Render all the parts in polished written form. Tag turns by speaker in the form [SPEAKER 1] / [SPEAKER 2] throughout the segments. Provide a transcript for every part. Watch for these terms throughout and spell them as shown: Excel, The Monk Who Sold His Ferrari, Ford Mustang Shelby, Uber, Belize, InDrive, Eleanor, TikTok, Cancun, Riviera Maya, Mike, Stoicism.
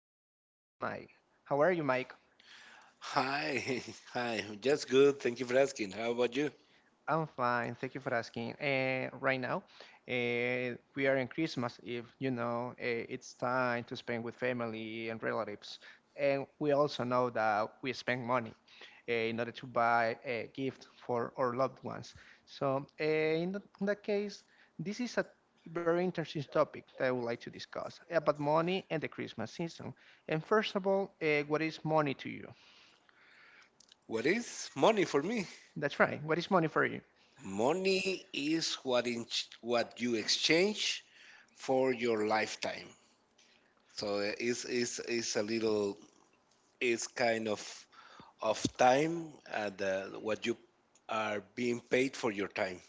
[SPEAKER 1] His name is Mike. How are you, Mike?
[SPEAKER 2] Hi, hi. Just good. Thank you for asking. How about you?
[SPEAKER 1] I'm fine. Thank you for asking. Right now, we are in Christmas Eve. It's time to spend with family and relatives. And we also know that we spend money in order to buy a gift for our loved ones. So in that case, this is a very interesting topic that I would like to discuss about money and the Christmas season. And first of all, what is money to you?
[SPEAKER 2] What is money for me?
[SPEAKER 1] That's right. What is money for you?
[SPEAKER 2] Money is what in what you exchange for your lifetime. So it's a little it's kind of time and what you are being paid for your time.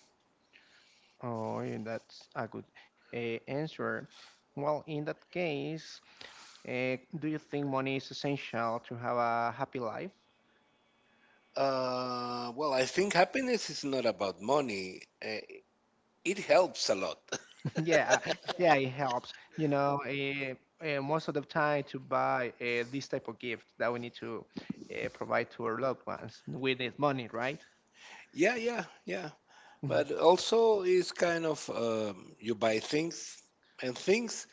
[SPEAKER 1] Oh, yeah, that's a good answer. Well, in that case, do you think money is essential to have a happy life?
[SPEAKER 2] Well, I think happiness is not about money. It helps a lot.
[SPEAKER 1] Yeah, yeah, it helps. Most of the time, to buy this type of gift that we need to provide to our loved ones, we need money, right?
[SPEAKER 2] Yeah, yeah, yeah. But also is kind of you buy things and things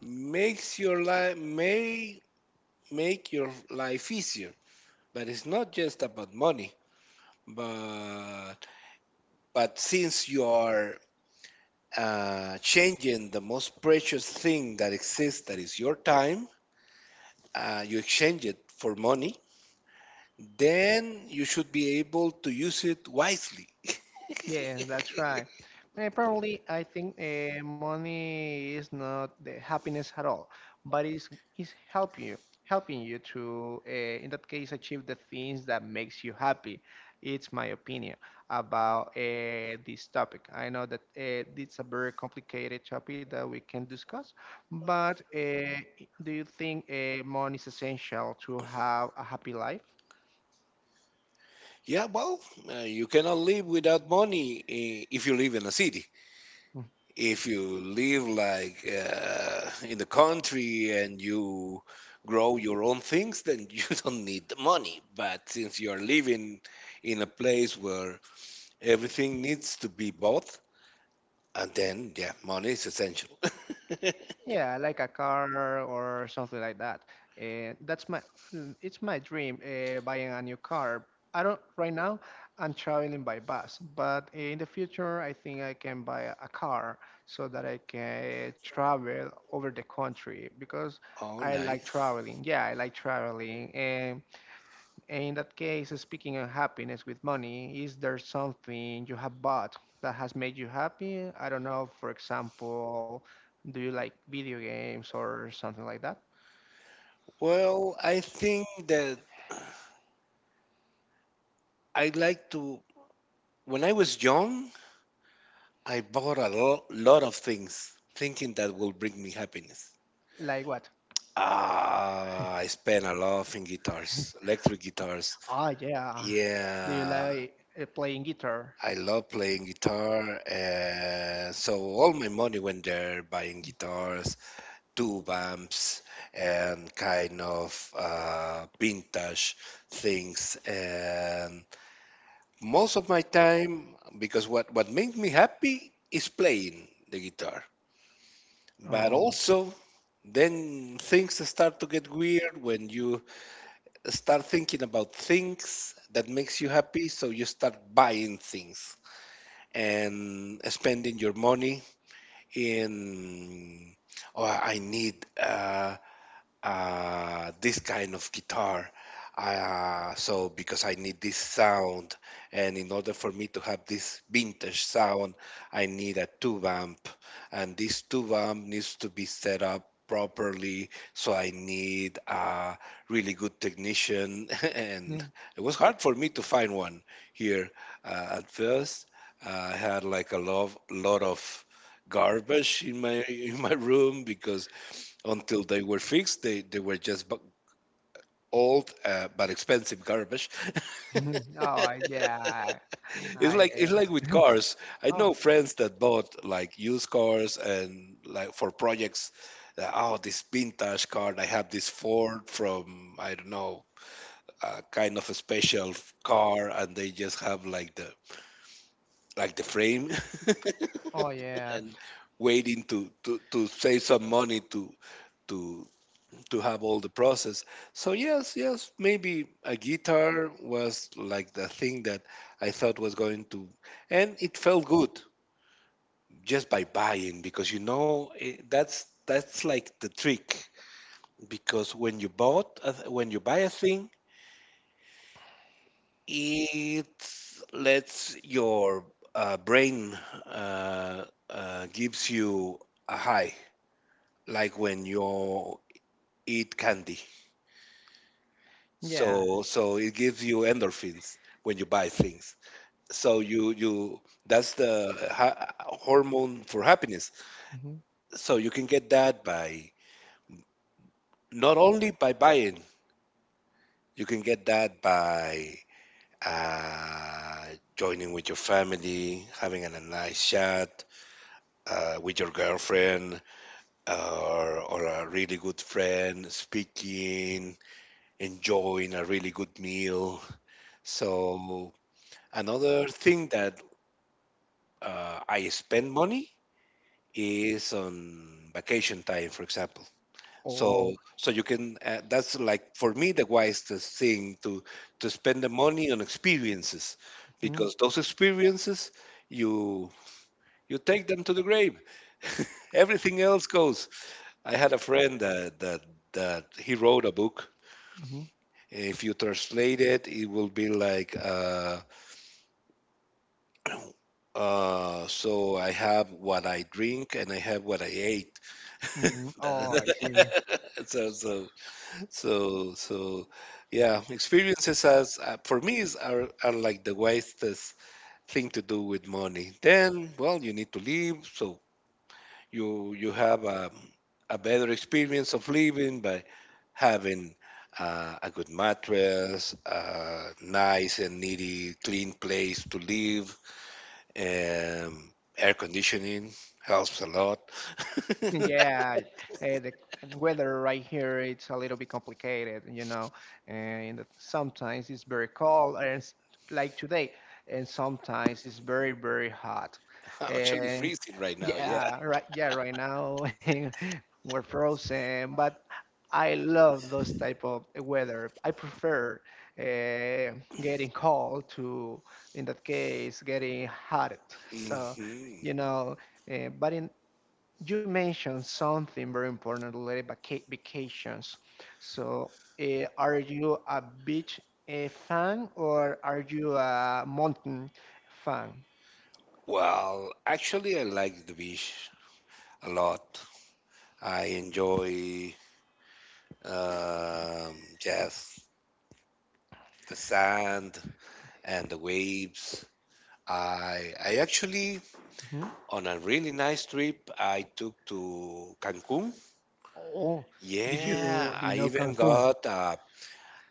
[SPEAKER 2] makes your life may make your life easier. But it's not just about money. But since you are changing the most precious thing that exists, that is your time, you exchange it for money. Then you should be able to use it wisely.
[SPEAKER 1] Yes, that's right. Probably, I think money is not the happiness at all, but it's is help you, helping you to, in that case, achieve the things that makes you happy. It's my opinion about this topic. I know that it's a very complicated topic that we can discuss, but do you think money is essential to have a happy life?
[SPEAKER 2] Yeah, well, you cannot live without money, eh, if you live in a city. If you live like in the country and you grow your own things, then you don't need the money. But since you are living in a place where everything needs to be bought, and then yeah, money is essential.
[SPEAKER 1] Yeah, like a car or something like that. That's my mm, it's my dream buying a new car. I don't right now. I'm traveling by bus, but in the future, I think I can buy a car so that I can travel over the country because
[SPEAKER 2] Oh,
[SPEAKER 1] I like
[SPEAKER 2] nice.
[SPEAKER 1] traveling. Yeah, I like traveling, and in that case, speaking of happiness with money, is there something you have bought that has made you happy? I don't know, for example, do you like video games or something like that?
[SPEAKER 2] Well, I think that I like to. When I was young, I bought a lot of things, thinking that will bring me happiness.
[SPEAKER 1] Like what?
[SPEAKER 2] Ah, I spend a lot in guitars, electric guitars.
[SPEAKER 1] Oh, yeah. Do you
[SPEAKER 2] Yeah,
[SPEAKER 1] like playing guitar?
[SPEAKER 2] I love playing guitar, and so all my money went there buying guitars, tube amps, and kind of vintage things. And most of my time, because what makes me happy is playing the guitar. But
[SPEAKER 1] Oh,
[SPEAKER 2] also, then things start to get weird when you start thinking about things that makes you happy, so you start buying things and spending your money in, oh, I need this kind of guitar. So because I need this sound, and in order for me to have this vintage sound, I need a tube amp, and this tube amp needs to be set up properly. So I need a really good technician, and
[SPEAKER 1] mm.
[SPEAKER 2] it was hard for me to find one here at first. I had like a lot of garbage in my room, because until they were fixed, they were just old but expensive garbage.
[SPEAKER 1] Oh, yeah.
[SPEAKER 2] It's
[SPEAKER 1] I
[SPEAKER 2] like, it's like with
[SPEAKER 1] guess.
[SPEAKER 2] cars. I
[SPEAKER 1] Oh,
[SPEAKER 2] know friends that bought like used cars and like for projects. That, oh, this vintage car! I have this Ford from, I don't know, a kind of a special car, and they just have like the, like the frame
[SPEAKER 1] oh, yeah.
[SPEAKER 2] and waiting to save some money to to have all the process. So yes, yes, maybe a guitar was like the thing that I thought was going to, and it felt good just by buying because you know, eh, that's like the trick, because when you bought a, when you buy a thing, it lets your brain, gives you a high, like when you eat candy.
[SPEAKER 1] Yeah.
[SPEAKER 2] So so it gives you endorphins when you buy things. So you, that's the hormone for happiness.
[SPEAKER 1] Mhm.
[SPEAKER 2] So you can get that by not only by buying, you can get that by uh, joining with your family, having a nice chat with your girlfriend, or a really good friend, speaking, enjoying a really good meal. So another thing that I spend money is on vacation time, for example. So
[SPEAKER 1] Oh,
[SPEAKER 2] so you can, that's like for me the wisest thing, to spend the money on experiences,
[SPEAKER 1] mhm,
[SPEAKER 2] because those experiences you you take them to the grave. Everything else goes. I had a friend that that he wrote a book.
[SPEAKER 1] mhm,
[SPEAKER 2] If you translate it, it will be like so I have what I drink and I have what I ate.
[SPEAKER 1] mhm. Oh, I see.
[SPEAKER 2] So so so yeah, experiences as, for me, is, are like the wisest thing to do with money. Then, well, you need to leave so you have a better experience of living by having a good mattress, a nice and needy clean place to live, um, air conditioning helps a lot. I'm
[SPEAKER 1] Yeah, the weather right here it's a little bit complicated, you know, and sometimes it's very cold, and like today, and sometimes it's very very hot,
[SPEAKER 2] actually
[SPEAKER 1] and
[SPEAKER 2] freezing right now. Yeah.
[SPEAKER 1] yeah, right, yeah, right now we're frozen, but I love those type of weather. I prefer uh, getting cold to, in that case, getting hot. So,
[SPEAKER 2] Hmm.
[SPEAKER 1] you know, but in you mentioned something very important related vacations. So, are you a beach fan or are you a mountain fan?
[SPEAKER 2] Well, actually, I like the beach a lot. I enjoy just the sand and the waves. I actually,
[SPEAKER 1] Mhm.
[SPEAKER 2] on a really nice trip I took to Cancun.
[SPEAKER 1] Oh, did you
[SPEAKER 2] Yeah,
[SPEAKER 1] Do you
[SPEAKER 2] I
[SPEAKER 1] know
[SPEAKER 2] even
[SPEAKER 1] Cancun?
[SPEAKER 2] got uh,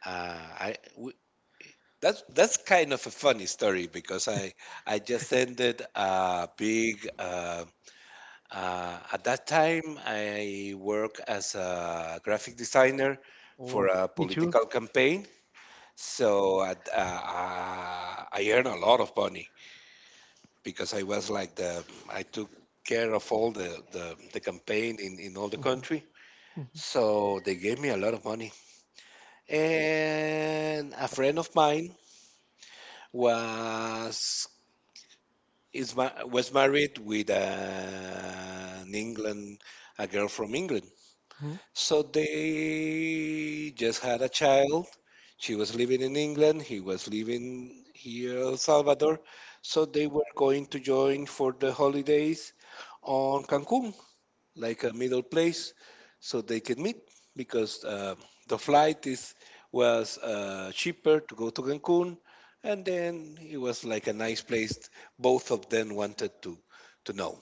[SPEAKER 2] uh I w that's kind of a funny story, because I just ended a big at that time, I work as a graphic designer for
[SPEAKER 1] Oh,
[SPEAKER 2] a
[SPEAKER 1] me too.
[SPEAKER 2] political campaign. So at, I earn a lot of money because I was like the, I took care of all the, the campaign in all the
[SPEAKER 1] Mhm.
[SPEAKER 2] country. So they gave me a lot of money. And a friend of mine was is was married with an England, a girl from England.
[SPEAKER 1] Mhm.
[SPEAKER 2] So they just had a child. She was living in England. He was living here in El Salvador. So they were going to join for the holidays on Cancun, like a middle place, so they can meet because the flight is, was cheaper to go to Cancun, and then it was like a nice place both of them wanted to know.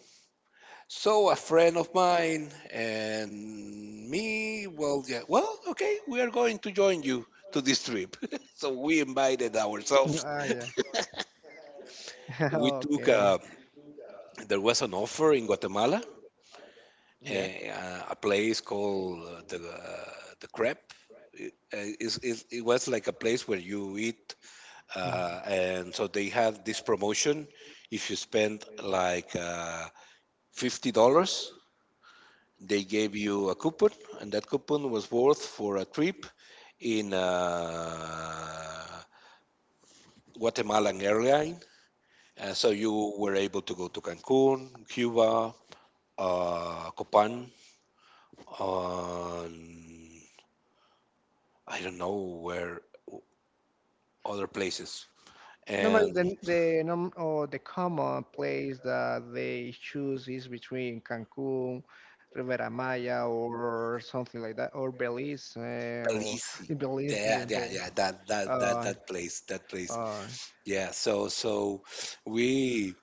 [SPEAKER 2] So a friend of mine and me, well, yeah, well, okay, we are going to join you to this trip. So we invited
[SPEAKER 1] Ah, yeah.
[SPEAKER 2] ourselves.
[SPEAKER 1] Okay.
[SPEAKER 2] We took a, there was an offer in Guatemala,
[SPEAKER 1] Yeah.
[SPEAKER 2] eh, a place called the, the Crepe. It, it was like a place where you eat, and so they had this promotion. If you spend like $50, they gave you a coupon, and that coupon was worth for a trip in Guatemalan airline. So you were able to go to Cancun, Cuba, Copan, on I don't know where other places,
[SPEAKER 1] Normally,
[SPEAKER 2] and
[SPEAKER 1] the num or the common place that they choose is between Cancun, Riviera Maya, or something like that, or Belize, or
[SPEAKER 2] Belize.
[SPEAKER 1] in Belize,
[SPEAKER 2] Yeah,
[SPEAKER 1] yeah,
[SPEAKER 2] yeah, yeah.
[SPEAKER 1] Uh,
[SPEAKER 2] That place, that place.
[SPEAKER 1] uh,
[SPEAKER 2] Yeah. So we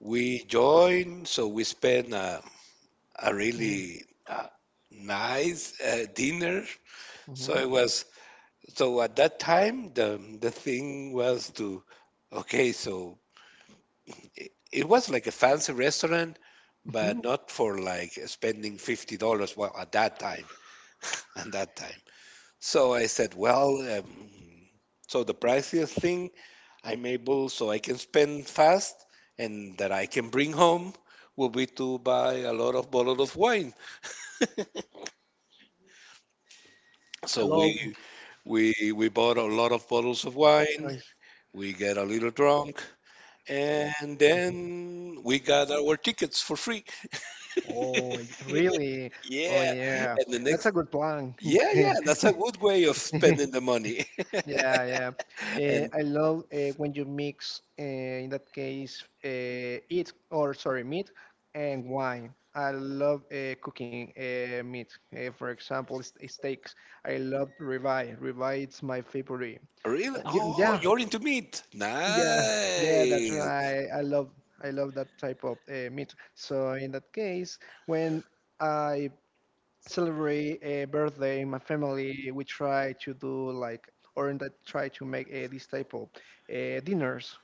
[SPEAKER 2] joined. So we spent a
[SPEAKER 1] mhm,
[SPEAKER 2] really nice dinner. So
[SPEAKER 1] mhm,
[SPEAKER 2] it was, so at that time the thing was to, okay, so it was like a fancy restaurant,
[SPEAKER 1] mhm.
[SPEAKER 2] but not for like spending $50. Well, at that time, at that time. So I said, well, um, so the priciest thing I'm able, so I can spend fast and that I can bring home will be to buy a lot of bottle of wine.
[SPEAKER 1] I
[SPEAKER 2] So
[SPEAKER 1] love.
[SPEAKER 2] we bought a lot of bottles of wine.
[SPEAKER 1] Nice.
[SPEAKER 2] We get a little drunk, and
[SPEAKER 1] Mhm.
[SPEAKER 2] then we got our tickets for free.
[SPEAKER 1] Oh, really? Oh,
[SPEAKER 2] Yeah,
[SPEAKER 1] yeah.
[SPEAKER 2] and the
[SPEAKER 1] That's a
[SPEAKER 2] next,
[SPEAKER 1] good plan.
[SPEAKER 2] yeah, that's a good way of spending the money.
[SPEAKER 1] Yeah, yeah.
[SPEAKER 2] And
[SPEAKER 1] I love when you mix, in that case, meat and wine. I love cooking meat. For example, steaks. I love ribeye. Ribeye is my favorite.
[SPEAKER 2] really, oh,
[SPEAKER 1] Yeah,
[SPEAKER 2] you're into meat.
[SPEAKER 1] yeah, yeah. That's
[SPEAKER 2] Nice.
[SPEAKER 1] right. I love that type of meat. So in that case, when I celebrate a birthday in my family, we try to do like, or in that try to make this type of dinners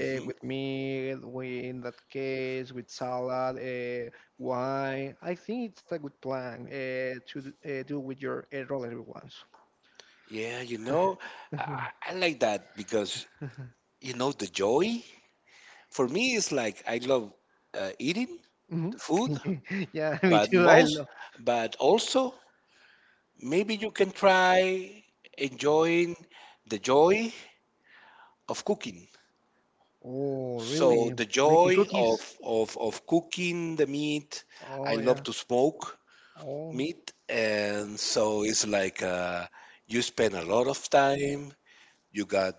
[SPEAKER 1] with meat, we, in that case, with salad, wine. I think it's a good plan to do with your relative ones.
[SPEAKER 2] Yeah, you know, I like that because you know the joy for me is like I love eating the
[SPEAKER 1] Mhm.
[SPEAKER 2] food.
[SPEAKER 1] Yeah, me
[SPEAKER 2] But
[SPEAKER 1] too. I
[SPEAKER 2] most,
[SPEAKER 1] love.
[SPEAKER 2] but also maybe you can try enjoying the joy of cooking.
[SPEAKER 1] Oh,
[SPEAKER 2] So
[SPEAKER 1] really?
[SPEAKER 2] the
[SPEAKER 1] Making
[SPEAKER 2] joy of
[SPEAKER 1] cookies?
[SPEAKER 2] of cooking the meat. I
[SPEAKER 1] Oh,
[SPEAKER 2] love
[SPEAKER 1] yeah.
[SPEAKER 2] to smoke
[SPEAKER 1] Oh.
[SPEAKER 2] meat, and so it's like you spend a lot of time. You got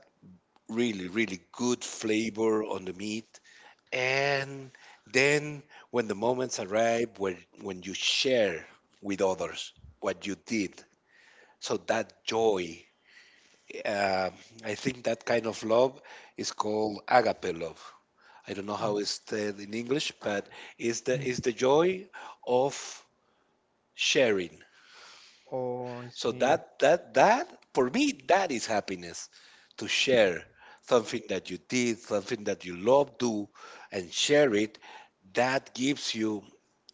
[SPEAKER 2] really good flavor on the meat, and then when the moments arrive, when you share with others what you did. So that joy, uh, I think that kind of love is called agape love. I don't know how it's said in English, but it's the,
[SPEAKER 1] Oh.
[SPEAKER 2] it's the joy of sharing.
[SPEAKER 1] Oh, I
[SPEAKER 2] So
[SPEAKER 1] see.
[SPEAKER 2] that for me, that is happiness: to share something that you did, something that you love, do, and share it. That gives you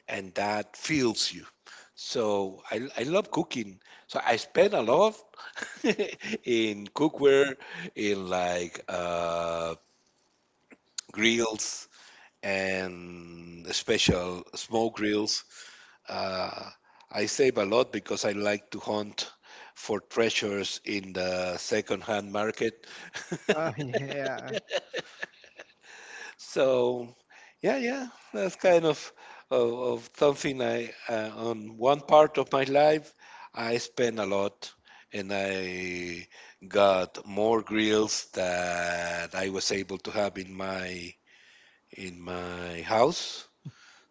[SPEAKER 2] and that fills you. So I love cooking. So I spend a lot in cookware, in like grills and special smoke grills. Uh, I save a lot because I like to hunt for treasures in the second-hand market.
[SPEAKER 1] Ah, yeah.
[SPEAKER 2] So, yeah, yeah, that's kind of of, of something I, on one part of my life I spent a lot, and I got more grills that I was able to have in my house.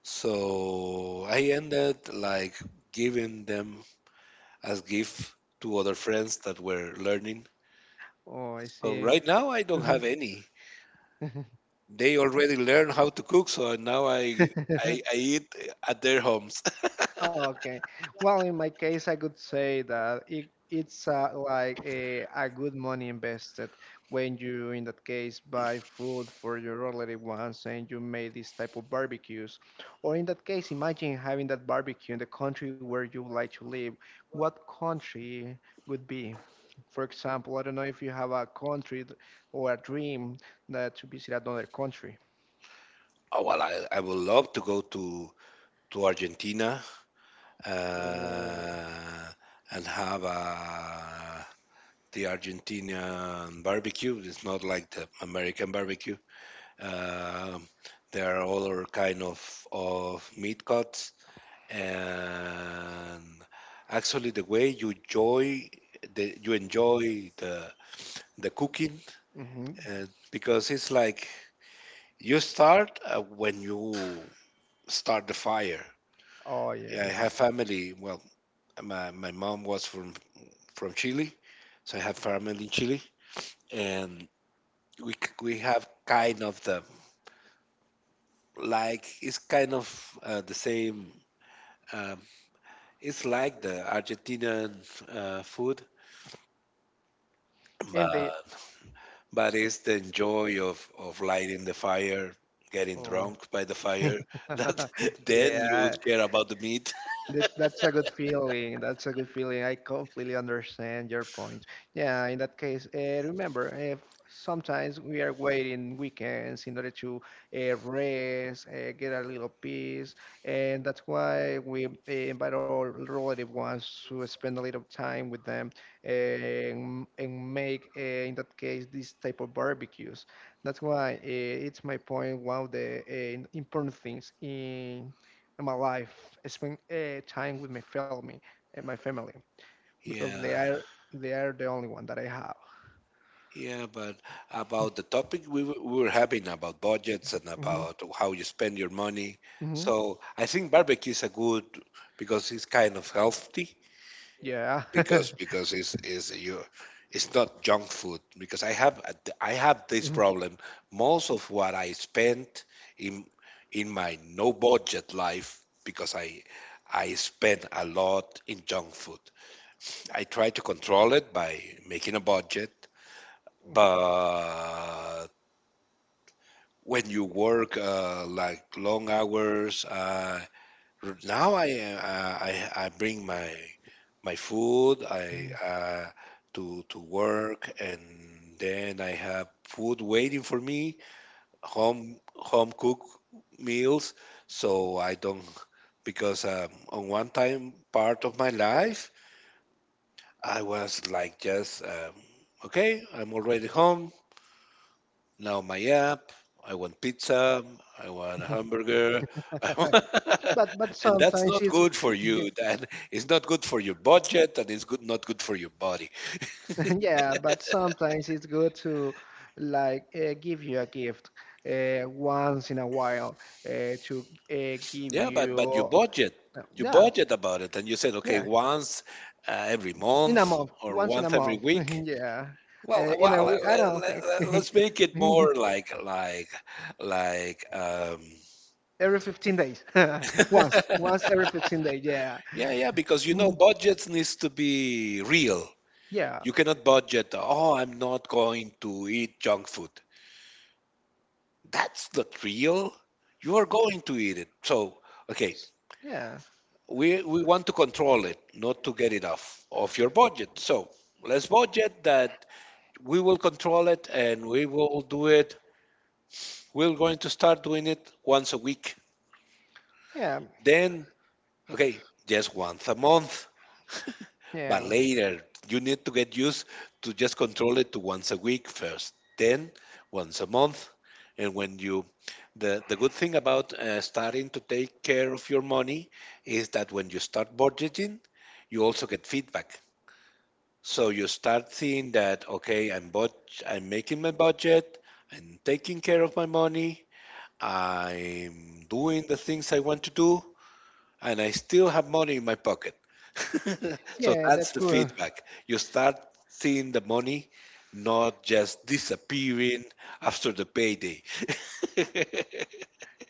[SPEAKER 2] So I ended like giving them as gift to other friends that were learning.
[SPEAKER 1] Oh, I
[SPEAKER 2] So
[SPEAKER 1] see.
[SPEAKER 2] right now I don't have any. They already learn how to cook, so now I eat at their homes.
[SPEAKER 1] Okay. Well, in my case, I could say that it's like a good money invested when you, in that case, buy food for your relative ones and you make this type of barbecues. Or in that case, imagine having that barbecue in the country where you would like to live. What country would be? For example, I don't know if you have a country or a dream that to visit another country.
[SPEAKER 2] Oh, well, I would love to go to Argentina
[SPEAKER 1] Oh,
[SPEAKER 2] uh, and have the Argentinian barbecue. It's not like the American barbecue. Um, there are other kind of meat cuts, and actually the way you enjoy the, you enjoy the cooking,
[SPEAKER 1] hmm
[SPEAKER 2] and because it's like you start when you start the fire.
[SPEAKER 1] Oh,
[SPEAKER 2] Yeah, I have
[SPEAKER 1] yes.
[SPEAKER 2] family. Well, my mom was from Chile, so I have family in Chile, and we we have kind of the, like it's kind of the same. Um, it's like the Argentinian food,
[SPEAKER 1] And the,
[SPEAKER 2] but but it's the enjoy of lighting the fire, getting
[SPEAKER 1] oh.
[SPEAKER 2] drunk by the fire. That then you
[SPEAKER 1] Yeah,
[SPEAKER 2] care about the meat.
[SPEAKER 1] that's a good feeling. That's a good feeling. I completely understand your point. Yeah, in that case, remember, if sometimes we are waiting weekends in order to rest, get a little peace, and that's why we invite our relative ones to spend a little time with them and make, in that case, this type of barbecues. That's why it's my point. One of the important things in my life spend time with my family and my family because
[SPEAKER 2] Yeah.
[SPEAKER 1] they are the only one that I have.
[SPEAKER 2] Yeah, but about the topic we were having about budgets and
[SPEAKER 1] Hmm.
[SPEAKER 2] about how you spend your money.
[SPEAKER 1] Hmm.
[SPEAKER 2] So I think barbecue is a good because it's kind of healthy
[SPEAKER 1] Yeah.
[SPEAKER 2] because because it's is you it's not junk food because I have this
[SPEAKER 1] Mhm.
[SPEAKER 2] problem. Most of what I spent in in my no budget life because I spend a lot in junk food. I try to control it by making a budget, but when you work like long hours. Now I bring my food I
[SPEAKER 1] Mhm.
[SPEAKER 2] to work, and then I have food waiting for me, home cook meals. So I don't because on one time part of my life I was like just okay, I'm already home. Now my app, I want pizza, I want a hamburger, I want-
[SPEAKER 1] But
[SPEAKER 2] and that's
[SPEAKER 1] sometimes
[SPEAKER 2] not
[SPEAKER 1] it's
[SPEAKER 2] good for
[SPEAKER 1] yeah,
[SPEAKER 2] you. That it's not good for your budget, and it's good not good for your body.
[SPEAKER 1] yeah, but sometimes it's good to like give you a gift once in a while to give
[SPEAKER 2] Yeah, but
[SPEAKER 1] you
[SPEAKER 2] you
[SPEAKER 1] yeah,
[SPEAKER 2] budget about it, and you said,
[SPEAKER 1] yeah,
[SPEAKER 2] okay, once every
[SPEAKER 1] in a
[SPEAKER 2] month
[SPEAKER 1] month,
[SPEAKER 2] or
[SPEAKER 1] once in a
[SPEAKER 2] once every
[SPEAKER 1] month
[SPEAKER 2] week.
[SPEAKER 1] Yeah, in a week I don't think.
[SPEAKER 2] Let's make it more like,
[SPEAKER 1] Every 15 days. Once every 15 days, yeah.
[SPEAKER 2] yeah, yeah, because you
[SPEAKER 1] Mhm.
[SPEAKER 2] know budgets needs to be real.
[SPEAKER 1] Yeah,
[SPEAKER 2] You cannot budget. Oh, I'm not going to eat junk food. That's not real. You are going to eat it. So, okay,
[SPEAKER 1] yeah,
[SPEAKER 2] we want to control it, not to get it off of your budget. So, let's budget that we will control it and we will do it. We're going to start doing it once a week.
[SPEAKER 1] yeah,
[SPEAKER 2] Then okay, just once a month.
[SPEAKER 1] yeah,
[SPEAKER 2] But later, you need to get used to just control it to once a week first, then once a month. And when you, the good thing about starting to take care of your money is that when you start budgeting, you also get feedback. So you start seeing that, okay, I'm making my budget, I'm taking care of my money, I'm doing the things I want to do, and I still have money in my pocket. So
[SPEAKER 1] yeah, that's
[SPEAKER 2] that's the
[SPEAKER 1] good.
[SPEAKER 2] feedback. You start seeing the money not just disappearing after the payday.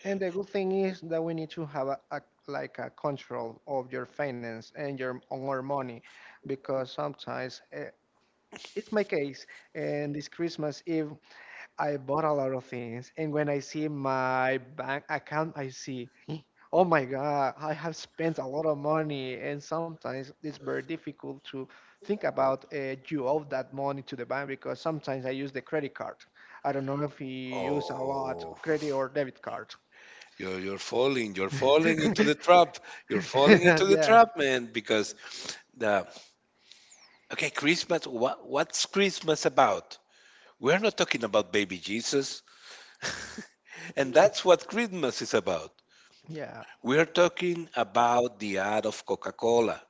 [SPEAKER 1] And the good thing is that we need to have a like a control of your finance and your on our money because sometimes it's my case and this Christmas Eve I bought a lot of things, and when I see my bank account, I see, oh my God, I have spent a lot of money, and sometimes it's very difficult to think about you owe that money to the bank because sometimes I use the credit card. I don't know if you use a lot
[SPEAKER 2] Oh,
[SPEAKER 1] credit or debit card.
[SPEAKER 2] you're falling. You're falling into the trap. You're falling into the
[SPEAKER 1] Yeah,
[SPEAKER 2] trap, man, because the okay, Christmas, what's Christmas about? We're not talking about baby Jesus. And that's what Christmas is about.
[SPEAKER 1] yeah,
[SPEAKER 2] We're talking about the ad of Coca Cola.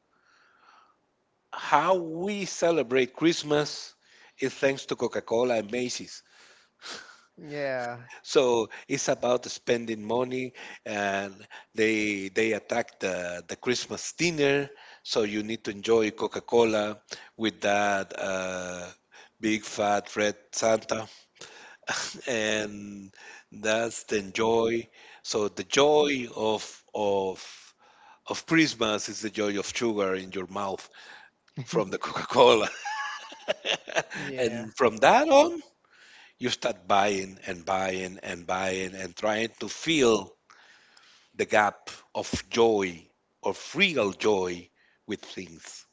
[SPEAKER 2] How we celebrate Christmas is thanks to Coca Cola and Macy's.
[SPEAKER 1] yeah,
[SPEAKER 2] So it's about spending money, and they attack the Christmas dinner. So you need to enjoy Coca Cola with that big fat red Santa, and that's the joy. So the joy of Christmas is the joy of sugar in your mouth from the Coca Cola.
[SPEAKER 1] yeah.
[SPEAKER 2] And from that on, you start buying and buying and buying and trying to fill the gap of joy, of real joy with things.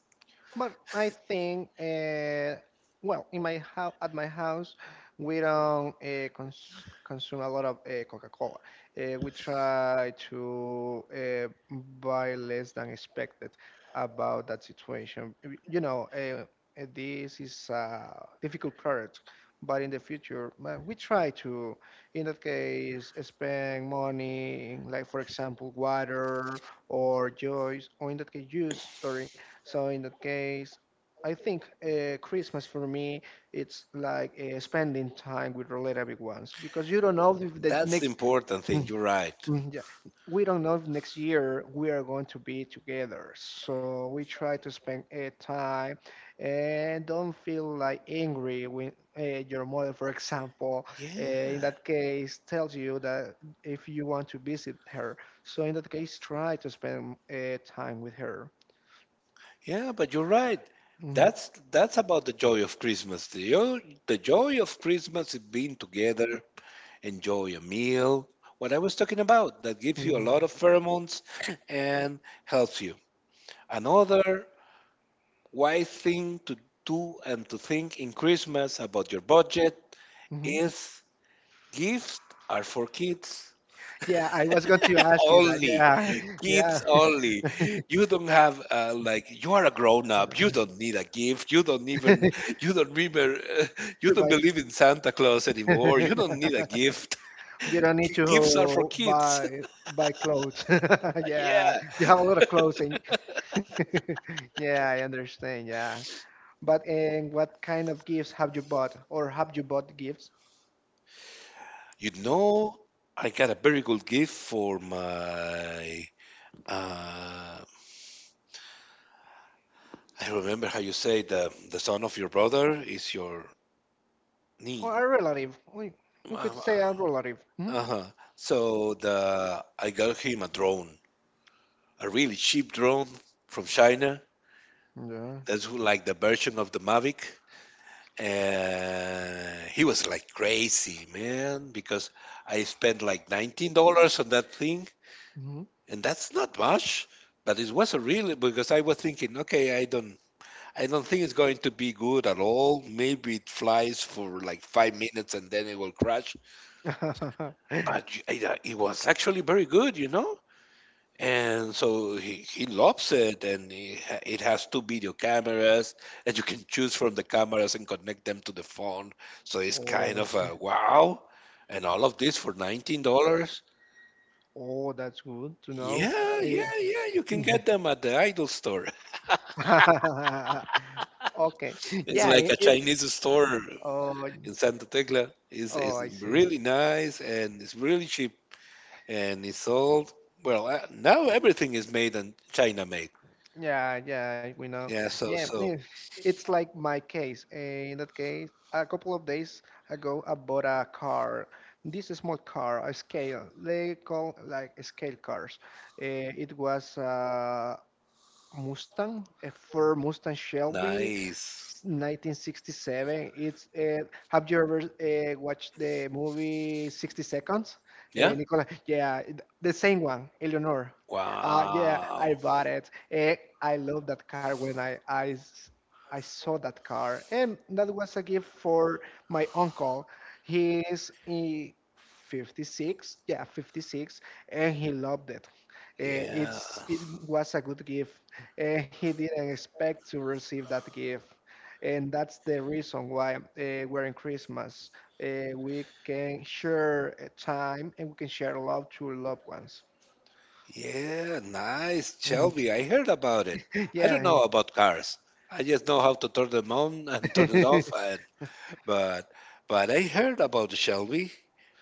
[SPEAKER 1] But I think, at my house, we don't consume a lot of Coca-Cola. We try to buy less than expected about that situation. You know, this is a difficult product, but in the future, well, we try to, in that case, spend money, like for example, water or juice, or in that case, juice, sorry. So in that case, I think Christmas for me it's like spending time with relatable ones because you don't know if the
[SPEAKER 2] That's the
[SPEAKER 1] next
[SPEAKER 2] important thing.
[SPEAKER 1] Mm,
[SPEAKER 2] You're right.
[SPEAKER 1] mm, yeah. We don't know if next year we are going to be together. So we try to spend a time and don't feel like angry when your mother, for example, in
[SPEAKER 2] Yeah.
[SPEAKER 1] that case, tells you that if you want to visit her. So in that case, try to spend time with her.
[SPEAKER 2] Yeah, but you're right.
[SPEAKER 1] Mm,
[SPEAKER 2] That's about the joy of Christmas. The joy of Christmas is being together, enjoy a meal. What I was talking about, that gives you a
[SPEAKER 1] mm.
[SPEAKER 2] lot of pheromones and helps you. Another wise thing to do and to think in Christmas about your budget
[SPEAKER 1] Mhm.
[SPEAKER 2] is gifts are for kids
[SPEAKER 1] Yeah, I was going to ask you that.
[SPEAKER 2] only.
[SPEAKER 1] Yeah,
[SPEAKER 2] Kids
[SPEAKER 1] yeah.
[SPEAKER 2] only. You don't have like you are a grown up. You don't need a gift. You don't even you don't remember. You
[SPEAKER 1] To
[SPEAKER 2] don't
[SPEAKER 1] buy,
[SPEAKER 2] believe in Santa Claus anymore. You don't need a gift.
[SPEAKER 1] you don't need
[SPEAKER 2] Gifts are for
[SPEAKER 1] to
[SPEAKER 2] kids.
[SPEAKER 1] buy clothes. Yeah,
[SPEAKER 2] Yeah.
[SPEAKER 1] you have a lot of clothes, and yeah, I understand. Yeah, but and what kind of gifts have you bought, or have you bought gifts,
[SPEAKER 2] You know, I got a very good gift for my. Uh, I remember how you say the son of your brother is your knee.
[SPEAKER 1] or a relative? We could say
[SPEAKER 2] Uh-huh.
[SPEAKER 1] a relative. Mhm.
[SPEAKER 2] Uh-huh. So the I got him a drone, a really cheap drone from China.
[SPEAKER 1] Yeah.
[SPEAKER 2] Like the version of the Mavic. And he was like crazy, man, because I spent like $19 on that thing,
[SPEAKER 1] Mhm.
[SPEAKER 2] and that's not much, but it was a really because I was thinking, okay, I don't think it's going to be good at all. Maybe it flies for like 5 minutes and then it will crash. But it was actually very good, you know? And so he loves it, and it has two video cameras, and you can choose from the cameras and connect them to the phone. So it's
[SPEAKER 1] Oh,
[SPEAKER 2] kind
[SPEAKER 1] I
[SPEAKER 2] of
[SPEAKER 1] see.
[SPEAKER 2] a wow. And all of this for $19.
[SPEAKER 1] Oh, that's good to know.
[SPEAKER 2] Yeah,
[SPEAKER 1] Eh,
[SPEAKER 2] yeah, yeah. You can
[SPEAKER 1] yeah.
[SPEAKER 2] get them at the idle store.
[SPEAKER 1] Okay.
[SPEAKER 2] It's
[SPEAKER 1] Yeah,
[SPEAKER 2] like a
[SPEAKER 1] it's
[SPEAKER 2] Chinese store
[SPEAKER 1] oh.
[SPEAKER 2] in Santa Tecla. It's,
[SPEAKER 1] Oh,
[SPEAKER 2] it's
[SPEAKER 1] I see.
[SPEAKER 2] really nice and it's really cheap and it's sold. Well, now everything is made in China made.
[SPEAKER 1] Yeah, yeah, we know.
[SPEAKER 2] Yeah, so
[SPEAKER 1] Yeah,
[SPEAKER 2] so
[SPEAKER 1] it's like my case. In that case, a couple of days ago, I bought a car. This is small car, a scale. They call like scale cars. It was Mustang, a Ford Mustang Shelby,
[SPEAKER 2] nice.
[SPEAKER 1] 1967. It's Have you ever watched the movie 60 Seconds?
[SPEAKER 2] Yeah.
[SPEAKER 1] Nicola, yeah, the same one, Eleanor. Yeah, I
[SPEAKER 2] Wow.
[SPEAKER 1] bought it. I love that car when I saw that car, and that was a gift for my uncle. He is 56, yeah, 56, and he loved it.
[SPEAKER 2] Yeah.
[SPEAKER 1] It was a good gift and he didn't expect to receive that gift. And that's the reason why we're in Christmas. We can share time and we can share love to loved ones.
[SPEAKER 2] Yeah, nice,
[SPEAKER 1] Mhm.
[SPEAKER 2] Shelby. I heard about it. I don't
[SPEAKER 1] Yeah,
[SPEAKER 2] know about cars. I just know how to turn them on and turn it off. Uh, But but I heard about Shelby.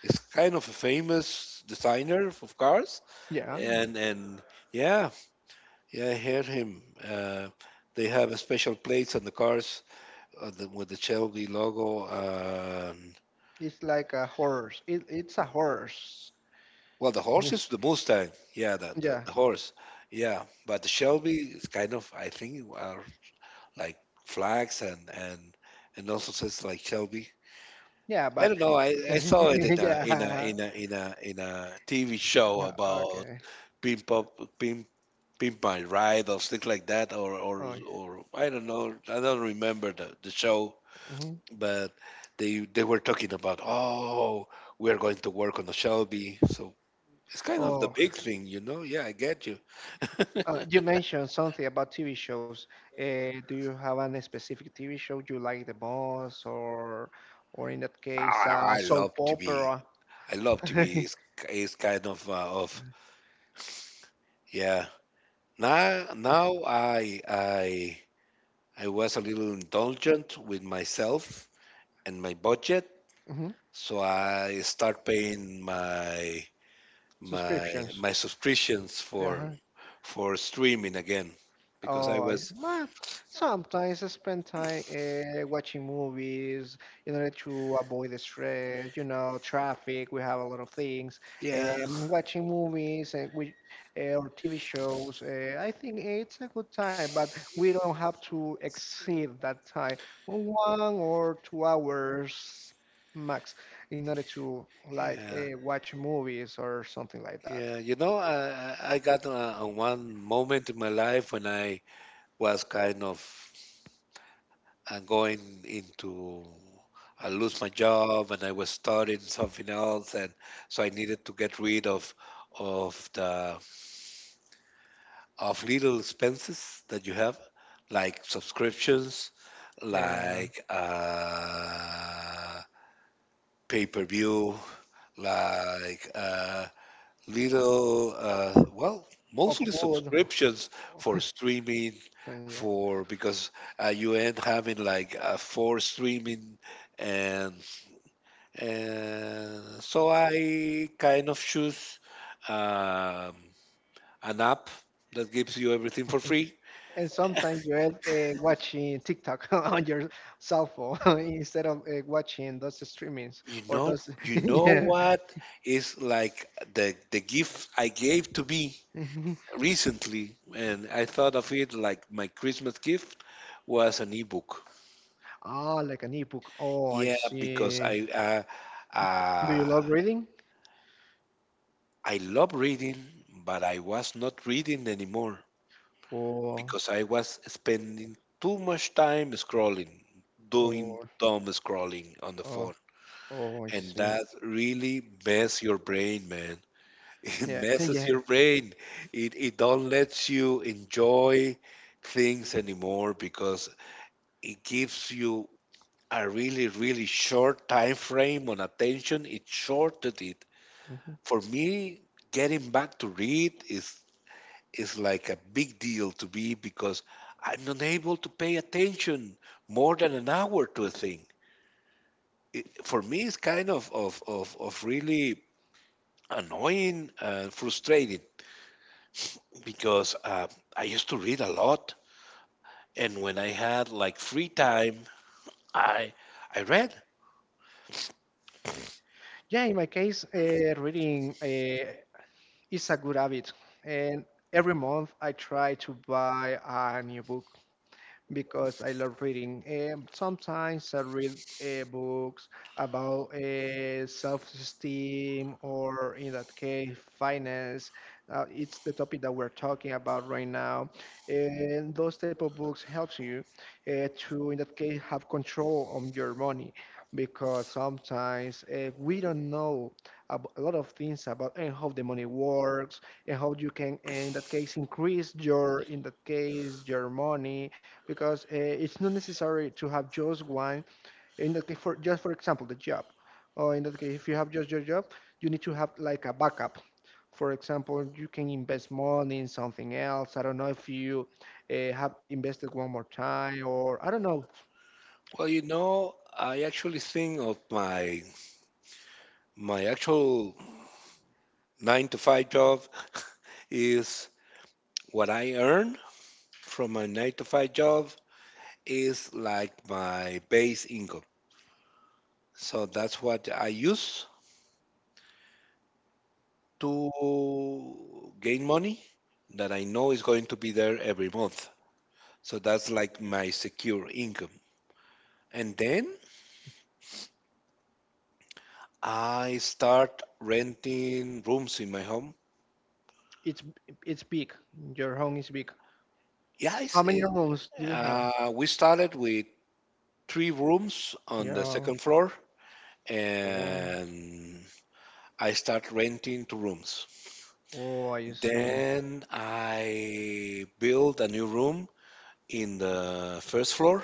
[SPEAKER 2] It's kind of a famous designer of cars,
[SPEAKER 1] yeah.
[SPEAKER 2] and yeah, yeah, I heard him. They have a special plates on the cars, with the Shelby logo.
[SPEAKER 1] It's like a horse. It's a horse.
[SPEAKER 2] Well, the
[SPEAKER 1] Yeah,
[SPEAKER 2] horse is the Mustang. Yeah, the, the,
[SPEAKER 1] yeah,
[SPEAKER 2] the horse. Yeah, but the Shelby is kind of I think are like flags and also says like Shelby.
[SPEAKER 1] yeah,
[SPEAKER 2] I
[SPEAKER 1] but
[SPEAKER 2] don't know. I saw it in a
[SPEAKER 1] yeah.
[SPEAKER 2] in a in a in a in a TV show about
[SPEAKER 1] Okay.
[SPEAKER 2] pimp up pimp pimp my ride or things like that, or or
[SPEAKER 1] Oh,
[SPEAKER 2] or I don't know. I don't remember the show,
[SPEAKER 1] mhm.
[SPEAKER 2] but they were talking about, oh we are going to work on a Shelby, so it's kind of the
[SPEAKER 1] oh,
[SPEAKER 2] big thing, you know. Yeah, I get you.
[SPEAKER 1] You mentioned something about TV shows. Do you have any specific TV show you like the most, or in that case,
[SPEAKER 2] I, I love
[SPEAKER 1] soap
[SPEAKER 2] to be.
[SPEAKER 1] opera?
[SPEAKER 2] I love to be is kind of yeah. Now I was a little indulgent with myself and my budget,
[SPEAKER 1] Mhm.
[SPEAKER 2] so I start paying my my
[SPEAKER 1] Subscriptions.
[SPEAKER 2] my subscriptions
[SPEAKER 1] Yeah.
[SPEAKER 2] for
[SPEAKER 1] Uh-huh.
[SPEAKER 2] for streaming again because I
[SPEAKER 1] Oh, it's-
[SPEAKER 2] was
[SPEAKER 1] well, sometimes I spend time watching movies in order to avoid the stress, you know, traffic. We have a lot of things.
[SPEAKER 2] yeah
[SPEAKER 1] Watching movies and we, or TV shows, I think it's a good time, but we don't have to exceed that time, 1 or 2 hours max, in order to like
[SPEAKER 2] yeah
[SPEAKER 1] watch movies or something like that.
[SPEAKER 2] yeah you know I got one moment in my life when I was kind of going into I lose my job and I was studying something else and so I needed to get rid of the of little expenses that you have, like subscriptions,
[SPEAKER 1] Yeah,
[SPEAKER 2] like pay per view, like well,
[SPEAKER 1] or
[SPEAKER 2] mostly
[SPEAKER 1] food.
[SPEAKER 2] subscriptions for streaming,
[SPEAKER 1] Yeah.
[SPEAKER 2] for because you end having like four streaming, and and so I kind of choose. Um, an app that gives you everything for free.
[SPEAKER 1] And sometimes you end watching TikTok on your cell phone instead of watching those streamings
[SPEAKER 2] You
[SPEAKER 1] or
[SPEAKER 2] know,
[SPEAKER 1] those.
[SPEAKER 2] you know
[SPEAKER 1] Yeah.
[SPEAKER 2] what is like the gift I gave to me
[SPEAKER 1] Mhm.
[SPEAKER 2] recently, and I thought of it like my Christmas gift was an ebook.
[SPEAKER 1] Like an ebook. Oh, I
[SPEAKER 2] Yeah, because
[SPEAKER 1] see. Do you
[SPEAKER 2] uh,
[SPEAKER 1] love reading?
[SPEAKER 2] I love reading, but I was not reading anymore
[SPEAKER 1] Or,
[SPEAKER 2] because I was spending too much time scrolling, doing
[SPEAKER 1] or,
[SPEAKER 2] dumb scrolling on the
[SPEAKER 1] oh,
[SPEAKER 2] phone.
[SPEAKER 1] oh, I
[SPEAKER 2] And
[SPEAKER 1] see.
[SPEAKER 2] that really mess your brain, man. It
[SPEAKER 1] Yeah,
[SPEAKER 2] messes
[SPEAKER 1] yeah.
[SPEAKER 2] your brain. It don't lets you enjoy things anymore because it gives you a really, really short time frame on attention. It shorted it.
[SPEAKER 1] Mhm.
[SPEAKER 2] For me, getting back to read is like a big deal to me because I'm not able to pay attention more than an hour to a thing. It, for me, it's kind of of really annoying and frustrating because I used to read a lot, and when I had like free time, I I read.
[SPEAKER 1] Yeah, in my case, reading is a good habit, and every month I try to buy a new book because I love reading. Sometimes I read books about self-esteem or, in that case, finance. It's the topic that we're talking about right now, and those type of books helps you to, in that case, have control on your money, because sometimes we don't know a lot of things about and how the money works and how you can in that case increase your in that case your money, because it's not necessary to have just one. In that case, for just for example, the job, or in that case, if you have just your job, you need to have like a backup. For example, you can invest money in something else. I don't know if you have invested one more time, or I don't know.
[SPEAKER 2] Well, you know, I actually think of my actual nine to five job is what I earn from my nine to five job is like my base income. So that's what I use to gain money that I know is going to be there every month. So that's like my secure income. And then I start renting rooms in my home.
[SPEAKER 1] It's it's big. Your home is big.
[SPEAKER 2] Yeah,
[SPEAKER 1] How many rooms do you have?
[SPEAKER 2] we started with three rooms on the
[SPEAKER 1] Yeah.
[SPEAKER 2] second floor,
[SPEAKER 1] Oh,
[SPEAKER 2] and I start renting two rooms.
[SPEAKER 1] oh, I see.
[SPEAKER 2] Then I built a new room in the first floor,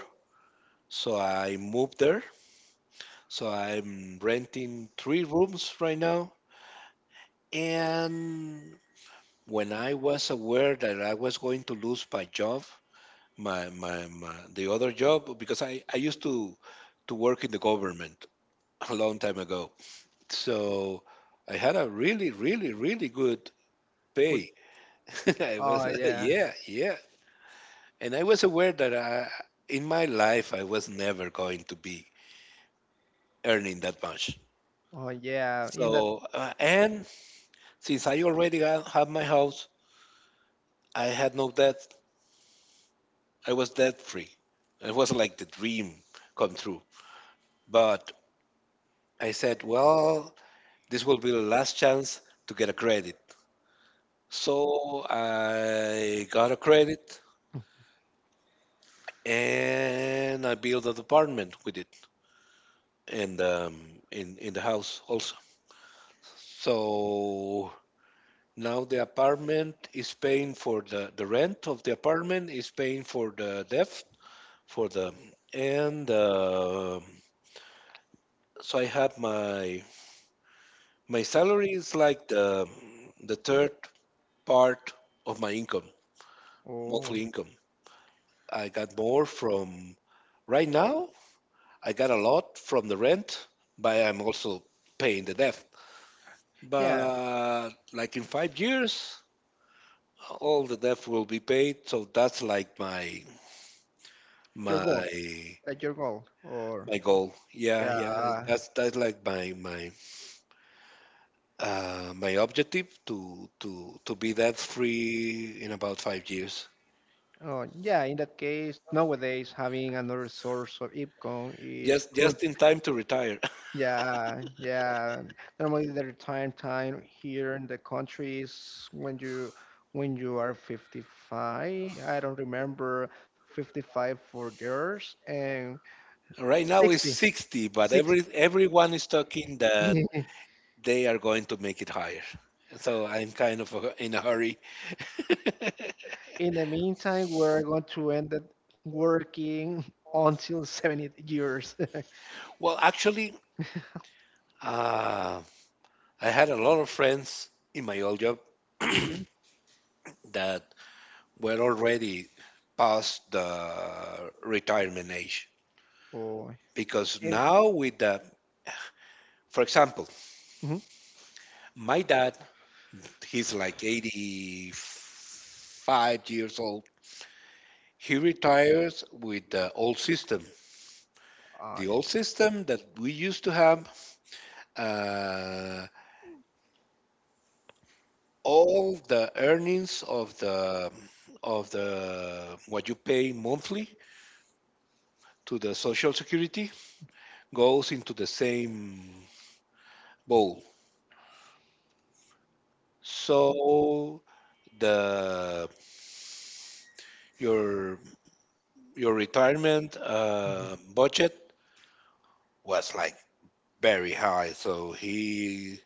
[SPEAKER 2] so I moved there. So I'm renting three rooms right now, and when I was aware that I was going to lose my job, my the other job, because I used to work in the government a long time ago. So I had a really, really, really good
[SPEAKER 1] Would-
[SPEAKER 2] pay. I was,
[SPEAKER 1] Oh, yeah.
[SPEAKER 2] yeah, yeah. And I was aware that I, in my life I was never going to be earning that much.
[SPEAKER 1] Oh, yeah. In that.
[SPEAKER 2] And since I already have my house, I had no debt. I was debt free. It was like the dream come true. But I said, well, this will be the last chance to get a credit. So I got a credit and I built an apartment with it and in the house also. So now the apartment is paying for the rent of the apartment, is paying for the debt, for the, and so I had my salary is like the third part of my income, monthly
[SPEAKER 1] Oh,
[SPEAKER 2] income. I got more from right now. I got a lot from the rent, but I'm also paying the debt.
[SPEAKER 1] yeah.
[SPEAKER 2] But like in five years, all the debt will be paid. So that's like
[SPEAKER 1] Your goal.
[SPEAKER 2] my
[SPEAKER 1] Like your goal or
[SPEAKER 2] my goal. Yeah,
[SPEAKER 1] yeah
[SPEAKER 2] yeah. That's like my objective to be debt free in about five years.
[SPEAKER 1] oh, yeah, in that case nowadays having another source of income is
[SPEAKER 2] Just
[SPEAKER 1] good.
[SPEAKER 2] just in time to retire.
[SPEAKER 1] Yeah, yeah. Normally the retirement time here in the country is when you are 55. I don't remember, 55 for girls and
[SPEAKER 2] Right now is
[SPEAKER 1] 60
[SPEAKER 2] 60, but
[SPEAKER 1] six.
[SPEAKER 2] everyone is talking that they are going to make it higher. So I'm kind of a, in a hurry.
[SPEAKER 1] In the meantime we're going to end up working until 70 years.
[SPEAKER 2] Well, actually, uh, I had a lot of friends in my old job that were already past the retirement age.
[SPEAKER 1] Oh,
[SPEAKER 2] Because
[SPEAKER 1] and,
[SPEAKER 2] now with the, for example,
[SPEAKER 1] mhm,
[SPEAKER 2] my dad, he's like 85 years old. He retires with the old system.
[SPEAKER 1] uh,
[SPEAKER 2] The old system that we used to have, uh, all the earnings of the what you pay monthly to the social security goes into the same bowl. So the your your retirement budget was like very high. So he,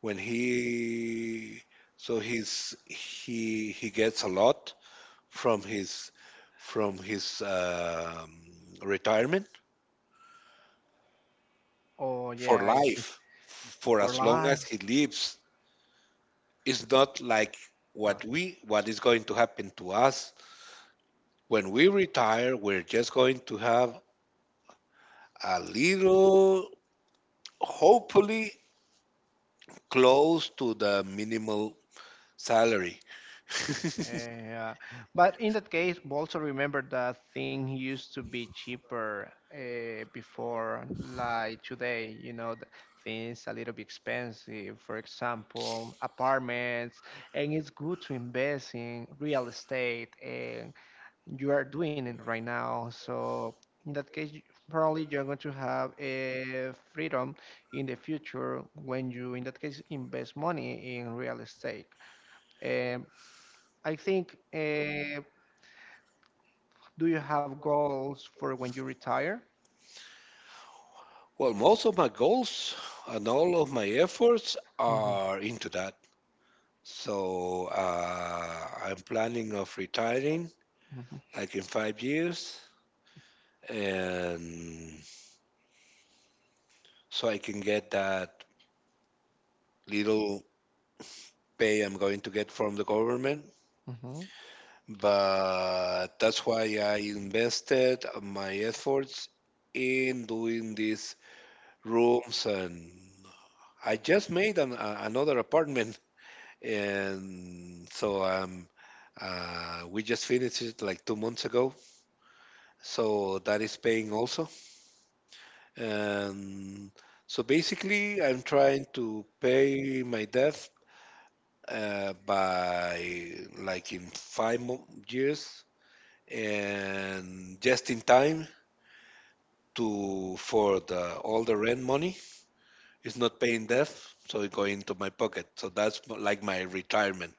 [SPEAKER 2] when he, so he's he gets a lot from his from his um, retirement
[SPEAKER 1] oh
[SPEAKER 2] for
[SPEAKER 1] yeah, I see.
[SPEAKER 2] life, for
[SPEAKER 1] For
[SPEAKER 2] as long
[SPEAKER 1] life.
[SPEAKER 2] as he lives. It's not like
[SPEAKER 1] Uh,
[SPEAKER 2] what we, what is going to happen to us when we retire. We're just going to have a little, hopefully close to the minimal salary.
[SPEAKER 1] yeah. But in that case, also remember that thing used to be cheaper before, like today, you know, the things a little bit expensive, for example, apartments, and it's good to invest in real estate and you are doing it right now. So in that case, probably you're going to have a freedom in the future when you, in that case, invest money in real estate. Um, I think, do you have goals for when you retire?
[SPEAKER 2] Well, most of my goals and all of my efforts
[SPEAKER 1] Mhm,
[SPEAKER 2] are into that. So I'm planning of retiring
[SPEAKER 1] mhm,
[SPEAKER 2] like in five years, and so I can get that little pay I'm going to get from the government.
[SPEAKER 1] mhm.
[SPEAKER 2] But that's why I invested my efforts in doing these rooms, and I just made another apartment. And so we just finished it like two months ago. So that is paying also. And so basically, I'm trying to pay my debt by like in years, and just in time to, for the, all the rent money, it's not paying debt, so it go into my pocket. So that's like my retirement.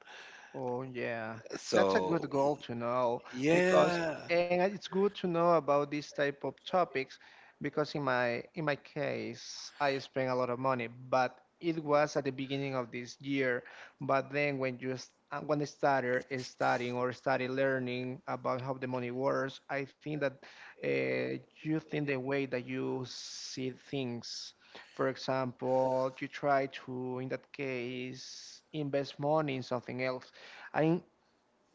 [SPEAKER 1] Oh yeah, that's a
[SPEAKER 2] So
[SPEAKER 1] good goal to know, because
[SPEAKER 2] yeah.
[SPEAKER 1] and it's good to know about these type of topics because in my case I spent a lot of money, but it was at the beginning of this year. But then when when I started studying or started learning about how the money works, I think that you think the way that you see things. For example, you try to, in that case, invest money in something else. I'm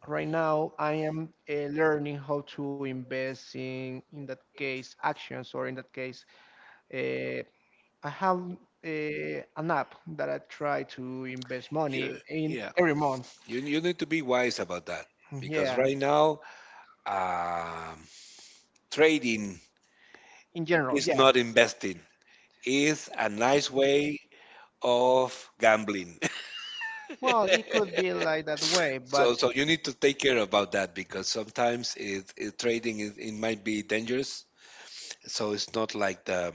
[SPEAKER 1] right now I am learning how to invest in that case actions or in that case uh, I have an app that I try to invest money
[SPEAKER 2] You,
[SPEAKER 1] in
[SPEAKER 2] yeah,
[SPEAKER 1] every month.
[SPEAKER 2] you, you need to be wise about that because
[SPEAKER 1] Yeah,
[SPEAKER 2] right now, um, trading
[SPEAKER 1] in general,
[SPEAKER 2] is
[SPEAKER 1] yeah.
[SPEAKER 2] not investing, it's a nice way of gambling.
[SPEAKER 1] Well, it could be like that way, but
[SPEAKER 2] So, you need to take care about that because sometimes it, trading it might be dangerous. So it's not like the,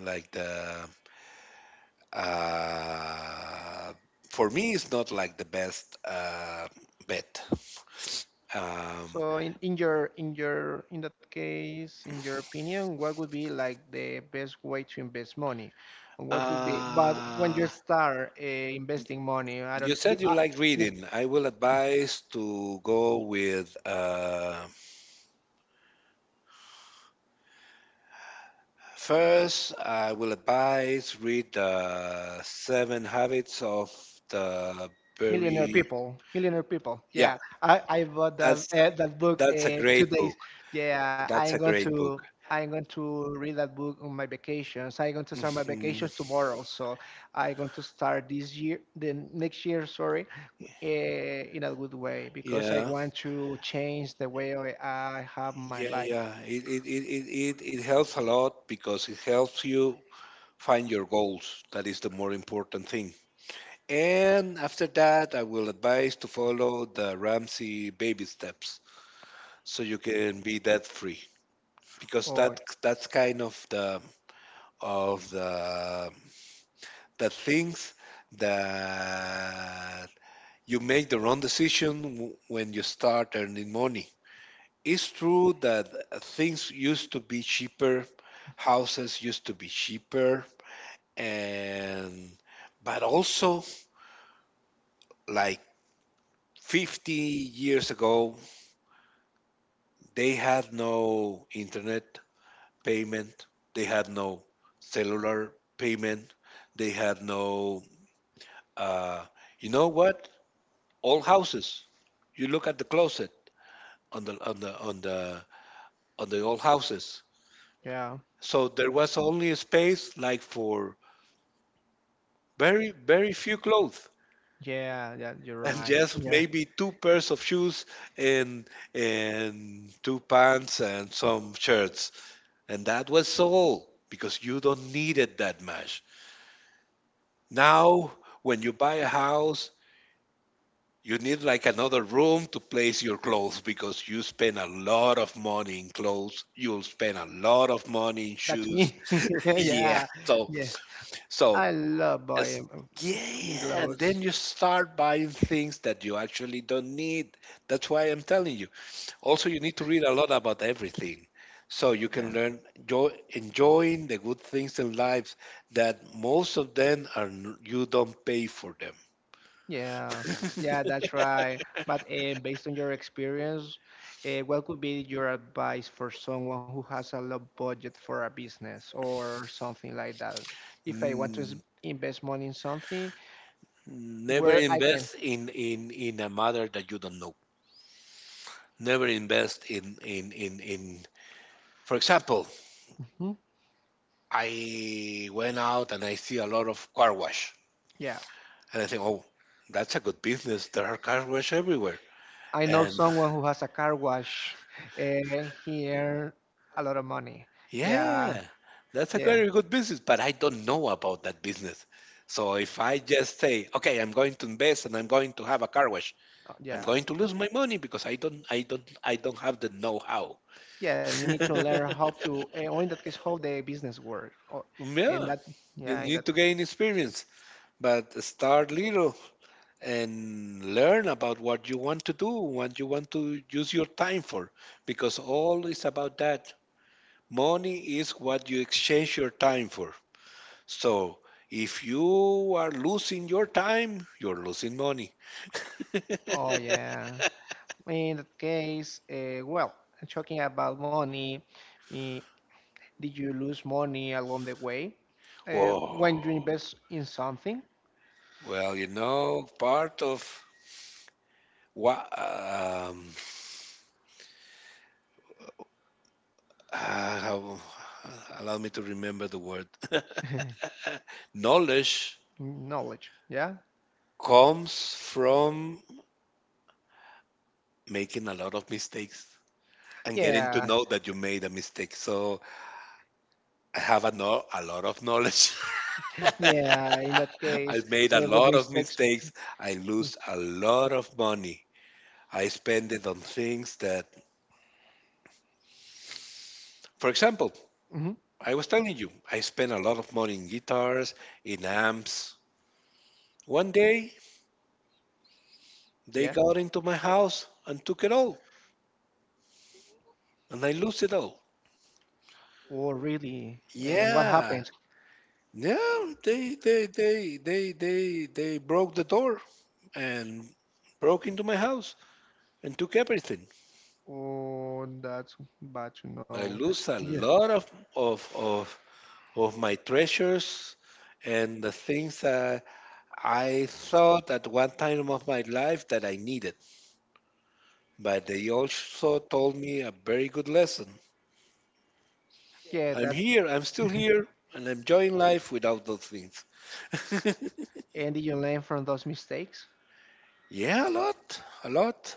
[SPEAKER 2] like the uh, for me it's not like the best bet. Um,
[SPEAKER 1] so in, in your in that case, in your opinion, what would be like the best way to invest money? And what would be? But when you
[SPEAKER 2] uh,
[SPEAKER 1] start investing money, I
[SPEAKER 2] you
[SPEAKER 1] don't b-
[SPEAKER 2] said you like
[SPEAKER 1] m-
[SPEAKER 2] reading. I will advise to go with first. I will advise, read the Seven Habits of the
[SPEAKER 1] millionaire
[SPEAKER 2] Very.
[SPEAKER 1] people.
[SPEAKER 2] Yeah,
[SPEAKER 1] Yeah, I bought that
[SPEAKER 2] that's
[SPEAKER 1] that book
[SPEAKER 2] that's a
[SPEAKER 1] two
[SPEAKER 2] great
[SPEAKER 1] days.
[SPEAKER 2] book.
[SPEAKER 1] Yeah, I'm
[SPEAKER 2] That's a
[SPEAKER 1] going
[SPEAKER 2] great
[SPEAKER 1] to
[SPEAKER 2] book.
[SPEAKER 1] I'm going to read that book on my vacations. I'm going to start my
[SPEAKER 2] Mhm.
[SPEAKER 1] vacations tomorrow, so I'm going to start this year, the next year, sorry, in a good way because I
[SPEAKER 2] Yeah.
[SPEAKER 1] want to change the way I have my
[SPEAKER 2] Yeah,
[SPEAKER 1] life.
[SPEAKER 2] yeah. It helps a lot because it helps you find your goals. That is the more important thing. And after that, I will advise to follow the Ramsey baby steps so you can be debt free, because
[SPEAKER 1] Oh,
[SPEAKER 2] that's kind of the, of the things that you make the wrong decision when you start earning money. It's true that things used to be cheaper, houses used to be cheaper, and but also like 50 years ago, they had no internet payment, they had no cellular payment, they had no uh, you know what? Old houses. You look at the closet on the old houses.
[SPEAKER 1] yeah,
[SPEAKER 2] So there was only a space like for very few clothes,
[SPEAKER 1] yeah, yeah, you're
[SPEAKER 2] and
[SPEAKER 1] right.
[SPEAKER 2] just
[SPEAKER 1] Yeah,
[SPEAKER 2] maybe two pairs of shoes, and and two pants and some shirts, and that was all because you don't need it that much. Now when you buy a house, you need like another room to place your clothes because you spend a lot of money in clothes, you'll spend a lot of money in
[SPEAKER 1] that's
[SPEAKER 2] shoes.
[SPEAKER 1] me.
[SPEAKER 2] Yeah,
[SPEAKER 1] Yeah,
[SPEAKER 2] so
[SPEAKER 1] yeah.
[SPEAKER 2] so
[SPEAKER 1] I love buying
[SPEAKER 2] yes, yeah, and then
[SPEAKER 1] clothes.
[SPEAKER 2] you start buying things that you actually don't need. That's why I'm telling you. Also, you need to read a lot about everything, so you
[SPEAKER 1] Yeah,
[SPEAKER 2] can learn jo enjoying the good things in life that most of them are you don't pay for them.
[SPEAKER 1] yeah, yeah, that's right. But based on your experience, what could be your advice for someone who has a low budget for a business or something like that? If I want to
[SPEAKER 2] N-
[SPEAKER 1] invest money in something,
[SPEAKER 2] Never
[SPEAKER 1] where I can.
[SPEAKER 2] invest in a matter that you don't know. Never invest in. For example,
[SPEAKER 1] Mhm.
[SPEAKER 2] I went out and I see a lot of car wash.
[SPEAKER 1] Yeah,
[SPEAKER 2] And I think, oh, that's a good business. There are car wash everywhere.
[SPEAKER 1] I know
[SPEAKER 2] And
[SPEAKER 1] someone who has a car wash. He earn a lot of money. Yeah,
[SPEAKER 2] yeah, that's a
[SPEAKER 1] yeah,
[SPEAKER 2] very good business, but I don't know about that business. So if I just say, okay, I'm going to invest and I'm going to have a car wash, I'm
[SPEAKER 1] yeah,
[SPEAKER 2] going to lose my money because I don't have the know-how.
[SPEAKER 1] yeah. And you need to learn how to, or in that case, how the business work. Or
[SPEAKER 2] Yeah,
[SPEAKER 1] and that,
[SPEAKER 2] you
[SPEAKER 1] yeah, in
[SPEAKER 2] need to
[SPEAKER 1] that.
[SPEAKER 2] gain experience, but start little and learn about what you want to do, what you want to use your time for, because all is about that. Money is what you exchange your time for. So if you are losing your time, you're losing money.
[SPEAKER 1] Oh yeah. In that case, well, talking about money, eh, did you lose money along the way? When you
[SPEAKER 2] Whoa.
[SPEAKER 1] invest in something,
[SPEAKER 2] Well, part of what, how, allow me to remember the word. Knowledge
[SPEAKER 1] knowledge. Yeah,
[SPEAKER 2] comes from making a lot of mistakes and getting to
[SPEAKER 1] yeah.
[SPEAKER 2] know that you made a mistake. So I have no, a lot of knowledge.
[SPEAKER 1] Yeah, in that
[SPEAKER 2] I
[SPEAKER 1] case,
[SPEAKER 2] made a
[SPEAKER 1] with
[SPEAKER 2] lot of
[SPEAKER 1] mistakes.
[SPEAKER 2] mistakes. I lose a lot of money. I spend it on things that, for example,
[SPEAKER 1] Hmm.
[SPEAKER 2] I was telling you, I spent a lot of money in guitars, in amps. One day, they
[SPEAKER 1] Yeah.
[SPEAKER 2] got into my house and took it all, and I lose it all.
[SPEAKER 1] Oh, really? And what
[SPEAKER 2] Yeah,
[SPEAKER 1] happened?
[SPEAKER 2] yeah, they broke the door and broke into my house and took everything.
[SPEAKER 1] Oh, that's bad to
[SPEAKER 2] I
[SPEAKER 1] know.
[SPEAKER 2] lose a
[SPEAKER 1] Yeah.
[SPEAKER 2] lot of of, of my treasures and the things that I thought at one time of my life that I needed. But they also told me a very good lesson.
[SPEAKER 1] Yeah,
[SPEAKER 2] I'm
[SPEAKER 1] that.
[SPEAKER 2] here, I'm still here, and I'm enjoying life without those things.
[SPEAKER 1] And did you learn from those mistakes?
[SPEAKER 2] Yeah, a lot.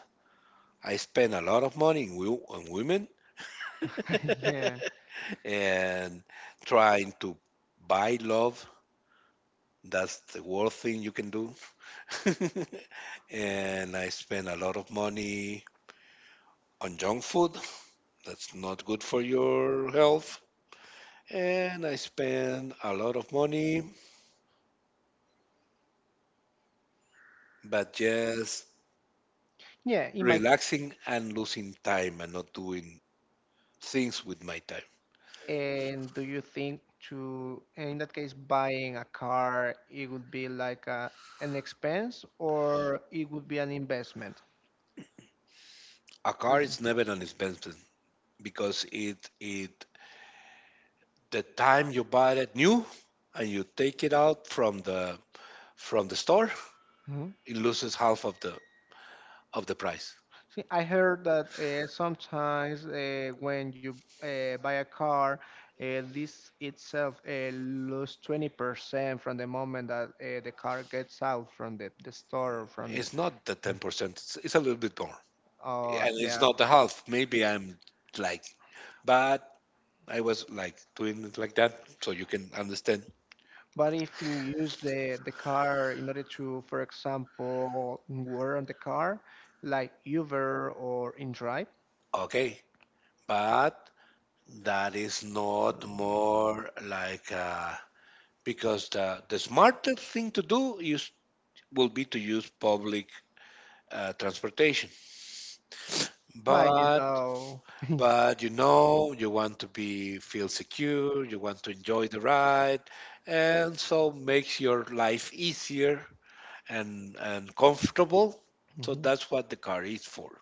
[SPEAKER 2] I spend a lot of money in on women
[SPEAKER 1] Yeah.
[SPEAKER 2] and trying to buy love. That's the worst thing you can do. And I spend a lot of money on junk food. That's not good for your health. And I spend a lot of money, but just
[SPEAKER 1] Yeah, in my.
[SPEAKER 2] relaxing and losing time and not doing things with my time.
[SPEAKER 1] And do you think to, in that case, buying a car, it would be like a, an expense or it would be an investment?
[SPEAKER 2] A car is never an expense because it the time you buy it new and you take it out from the store,
[SPEAKER 1] Mhm.
[SPEAKER 2] it loses half of the price.
[SPEAKER 1] See, I heard that sometimes when you buy a car, this itself lose 20% from the moment that the car gets out from the store, or from the,
[SPEAKER 2] It's not the 10%; it's a little bit more, and it's
[SPEAKER 1] yeah.
[SPEAKER 2] not the half. Maybe I'm like, but I was like doing it like that, so you can understand.
[SPEAKER 1] But if you use the car in order to, for example, work on the car, like Uber or InDrive,
[SPEAKER 2] Okay, but that is not more like because the smarter thing to do is, will be to use public transportation.
[SPEAKER 1] m- but you
[SPEAKER 2] but
[SPEAKER 1] know,
[SPEAKER 2] but you know, you want to be, feel secure, you want to enjoy the ride, and so makes your life easier and comfortable. So
[SPEAKER 1] mhm,
[SPEAKER 2] that's what the car is for,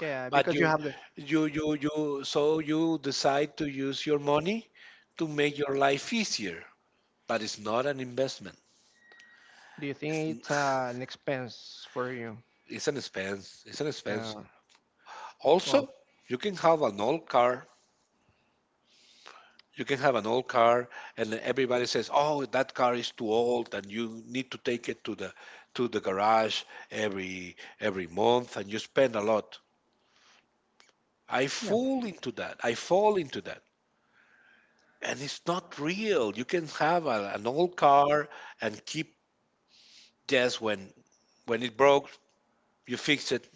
[SPEAKER 1] yeah,
[SPEAKER 2] but
[SPEAKER 1] because you
[SPEAKER 2] you,
[SPEAKER 1] have the.
[SPEAKER 2] you so you decide to use your money to make your life easier, but it's not an investment,
[SPEAKER 1] Do you
[SPEAKER 2] it's,
[SPEAKER 1] think it's an expense for you?
[SPEAKER 2] it's an expense, it's an
[SPEAKER 1] Yeah.
[SPEAKER 2] expense. Also,
[SPEAKER 1] Oh,
[SPEAKER 2] you can have an old car. You can have an old car, and everybody says, "Oh, that car is too old, and you need to take it to the, to the garage every month, and you spend a lot." I
[SPEAKER 1] yeah.
[SPEAKER 2] fall into that. I fall into that, and it's not real. You can have a, an old car and keep just when it broke, you fix it.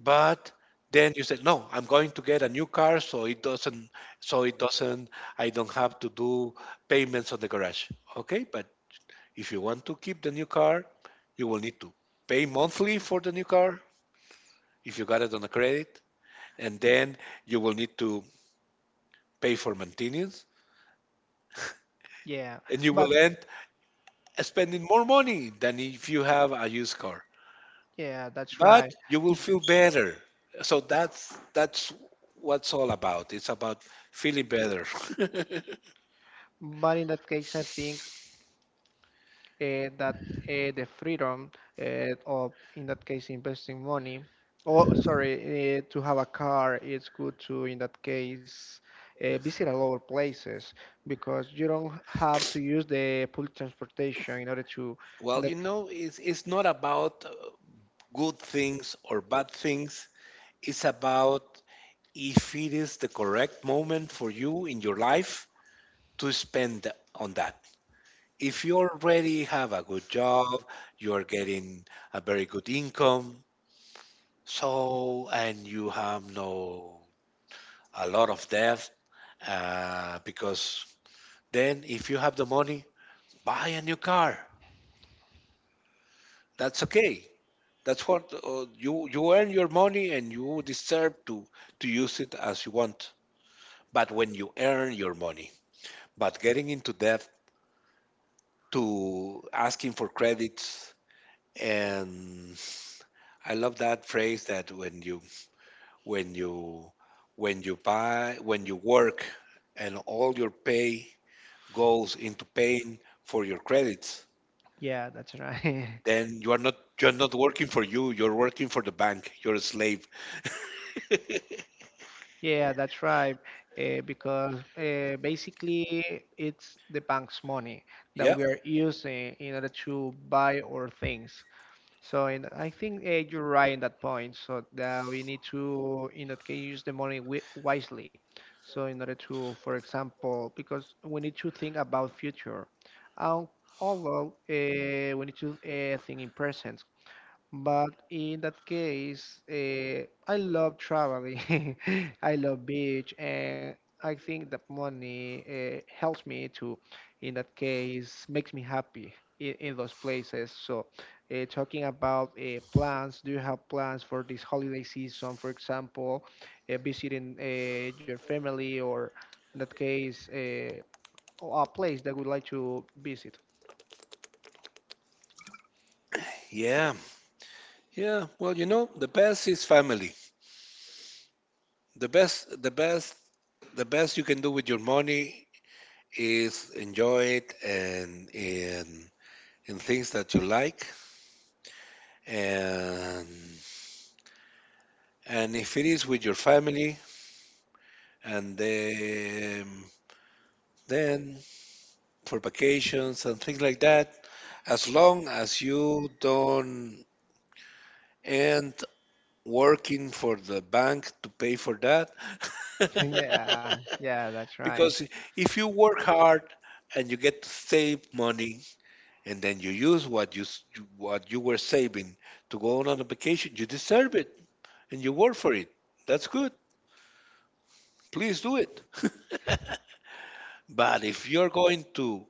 [SPEAKER 2] But then you say, "No, I'm going to get a new car, so it doesn't, I don't have to do payments on the garage." Okay, but if you want to keep the new car, you will need to pay monthly for the new car if you got it on a credit, and then you will need to pay for maintenance,
[SPEAKER 1] Yeah,
[SPEAKER 2] and you
[SPEAKER 1] but
[SPEAKER 2] will end spending more money than if you have a used car.
[SPEAKER 1] yeah, that's right.
[SPEAKER 2] But you will feel better. So that's what's all about. It's about feeling better.
[SPEAKER 1] But in that case, I think that the freedom of, in that case, investing money, or sorry, to have a car, it's good to, in that case, visit a lot of places because you don't have to use the public transportation in order to, in
[SPEAKER 2] well,
[SPEAKER 1] that,
[SPEAKER 2] you know, it's not about good things or bad things. It's about if it is the correct moment for you in your life to spend on that. If you already have a good job, you are getting a very good income, so, and you have no a lot of debt, because then if you have the money, buy a new car. That's okay. That's what you, you earn your money and you deserve to use it as you want. But when you earn your money, but getting into debt to asking for credits, and I love that phrase that when you when you when you buy when you work and all your pay goes into paying for your credits,
[SPEAKER 1] yeah, that's right.
[SPEAKER 2] then you're not working for you, you're working for the bank. You're a slave.
[SPEAKER 1] Yeah, that's right. Because basically, it's the bank's money that
[SPEAKER 2] Yeah,
[SPEAKER 1] we are using in order to buy our things. So, in, I think you're right in that point. So that we need to, in that case, use the money wi wisely. So, in order to, for example, because we need to think about future. Um, Although we need to think in present. But in that case, I love traveling. I love beach, and I think that money helps me to, in that case, makes me happy in those places. So, talking about plans, do you have plans for this holiday season? For example, visiting your family, or in that case, a place that would like to visit.
[SPEAKER 2] yeah, yeah. Well, the best is family. The best the best the best you can do with your money is enjoy it, and in things that you like, and and if it is with your family, and then for vacations and things like that, as long as you don't end working for the bank to pay for that.
[SPEAKER 1] Yeah, yeah, that's right.
[SPEAKER 2] Because if you work hard and you get to save money, and then you use what you were saving to go on a vacation, you deserve it and you work for it. That's good, please do it. But if you're going to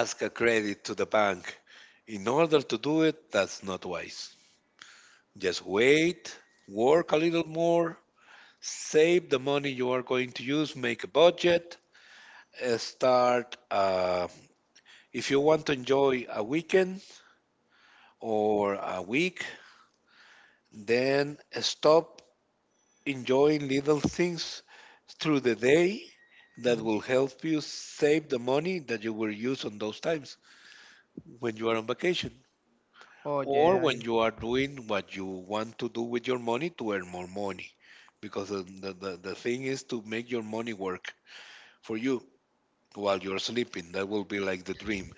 [SPEAKER 2] ask a credit to the bank in order to do it, that's not wise. Just wait, work a little more, save the money you are going to use, make a budget, start. If you want to enjoy a weekend or a week, then stop enjoying little things through the day that will help you save the money that you will use on those times, when you are on vacation,
[SPEAKER 1] Oh
[SPEAKER 2] or
[SPEAKER 1] yeah.
[SPEAKER 2] when you are doing what you want to do with your money, to earn more money. Because the thing is to make your money work for you while you're sleeping. That will be like the dream.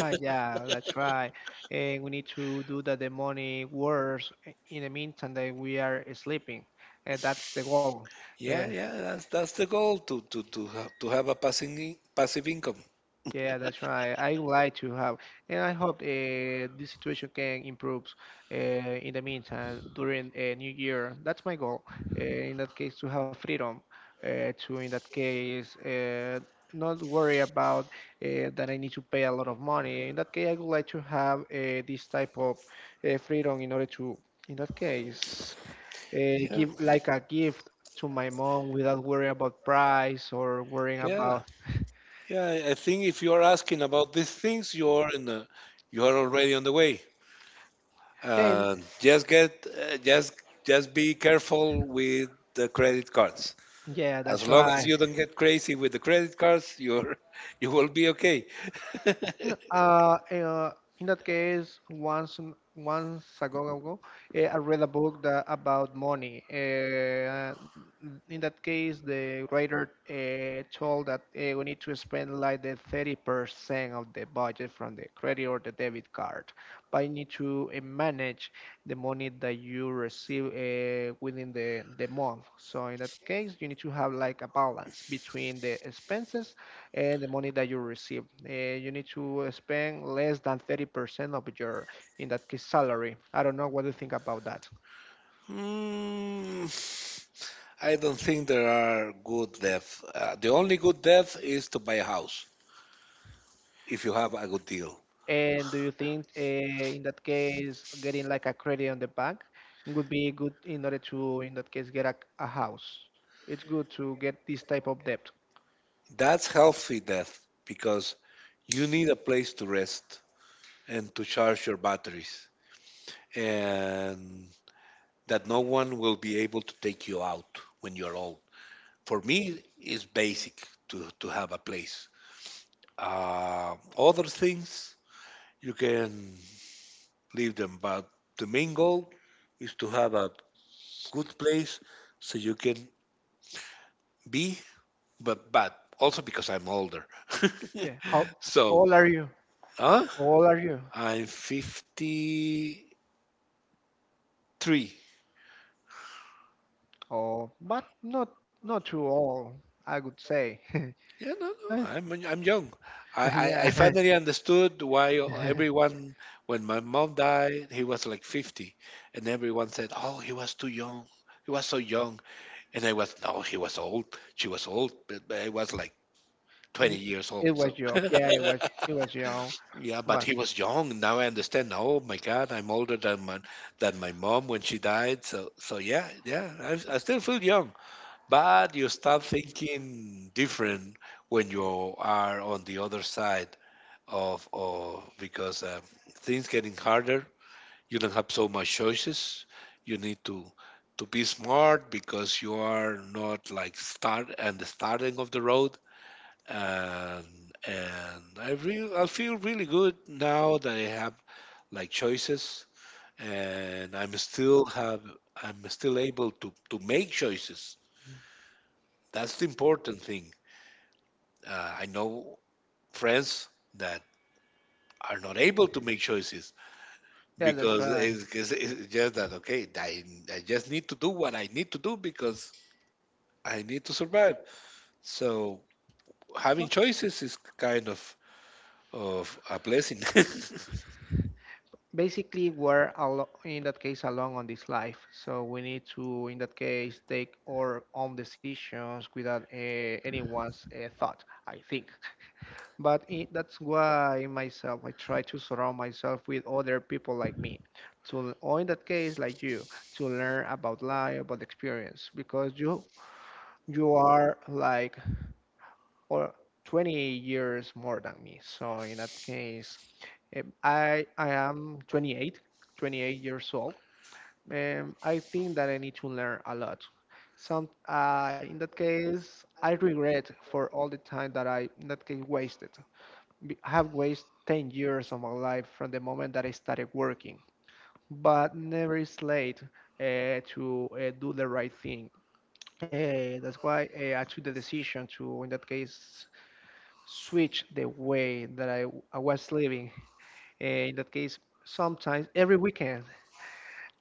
[SPEAKER 1] Yeah, that's right. And we need to do that the money works in the meantime that we are sleeping. That's the goal. Uh,
[SPEAKER 2] Yeah, yeah, that's the goal, to have a passive income.
[SPEAKER 1] Yeah, that's right. I would like to have, and I hope this situation can improve in the meantime during a new year. That's my goal. In that case, to have freedom, to in that case not worry about that I need to pay a lot of money. In that case, I would like to have this type of freedom in order to, in that case,
[SPEAKER 2] Yeah,
[SPEAKER 1] give like a gift to my mom without worrying about price or worrying
[SPEAKER 2] yeah,
[SPEAKER 1] about.
[SPEAKER 2] yeah. I think if you are asking about these things, you are in the you are already on the way.
[SPEAKER 1] Yeah,
[SPEAKER 2] Just get just be careful with the credit cards.
[SPEAKER 1] yeah, that's
[SPEAKER 2] As long
[SPEAKER 1] right.
[SPEAKER 2] as you don't get crazy with the credit cards, you're you will be okay.
[SPEAKER 1] N- Uh, uh, in that case, once once ago, ago I read a book that about money. In that case, the writer told that we need to spend like the 30% of the budget from the credit or the debit card, but you need to manage the money that you receive within the month. So in that case, you need to have like a balance between the expenses and the money that you receive. You need to spend less than 30% of your, in that case, salary. I don't know what you think about that.
[SPEAKER 2] Mm, I don't think there are good debt. The only good debt is to buy a house if you have a good deal.
[SPEAKER 1] And do you think, in that case, getting like a credit on the bank would be good in order to, in that case, get a house? It's good to get this type of debt.
[SPEAKER 2] That's healthy debt because you need a place to rest and to charge your batteries, and that no one will be able to take you out when you're old. For me, it's basic to have a place. Other things, you can leave them, but the main goal is to have a good place so you can be. But also because I'm older.
[SPEAKER 1] Yeah.
[SPEAKER 2] so,
[SPEAKER 1] Old are you? How
[SPEAKER 2] huh?
[SPEAKER 1] old are you?
[SPEAKER 2] I'm 53.
[SPEAKER 1] Oh, but not not too old, I would say.
[SPEAKER 2] Yeah, no, no.
[SPEAKER 1] Uh,
[SPEAKER 2] I'm young. I, I, I
[SPEAKER 1] Yeah.
[SPEAKER 2] finally understood why everyone, when my mom died, he was like 50, and everyone said, "Oh, he was too young. He was so young." And I was, "No, he was old. She was old, but I was like
[SPEAKER 1] Mm,
[SPEAKER 2] 20 years
[SPEAKER 1] it
[SPEAKER 2] old."
[SPEAKER 1] was
[SPEAKER 2] So
[SPEAKER 1] your, yeah, it was, it was your own.
[SPEAKER 2] yeah, but
[SPEAKER 1] But
[SPEAKER 2] he was young. Now I understand. Oh my God, I'm older than my mom when she died. So yeah, yeah. I still feel young. But you start thinking different when you are on the other side of, because things getting harder. You don't have so much choices. You need to be smart, because you are not like start and the starting of the road. And I feel really good now that I have like choices, and I'm still able to make choices. That's the important thing. I know friends that are not able to make choices,
[SPEAKER 1] yeah, that's
[SPEAKER 2] because
[SPEAKER 1] right.
[SPEAKER 2] it's just that, okay, I just need to do what I need to do because I need to survive. So having
[SPEAKER 1] Well,
[SPEAKER 2] choices is kind of a blessing.
[SPEAKER 1] basically, we're in that case alone on this life, so we need to, in that case, take our own decisions without anyone's thought. I think, but I that's why myself, I try to surround myself with other people like me, to or in that case, like you, to learn about life, about experience, because you are like or 20 years more than me. So in that case, I am 28, 28 years old. I think that I need to learn a lot. Some in that case, I regret for all the time that I in that case wasted. I have wasted 10 years of my life from the moment that I started working. But never is late to do the right thing. That's why I took the decision to, in that case, switch the way that I was living. In that case, sometimes every weekend,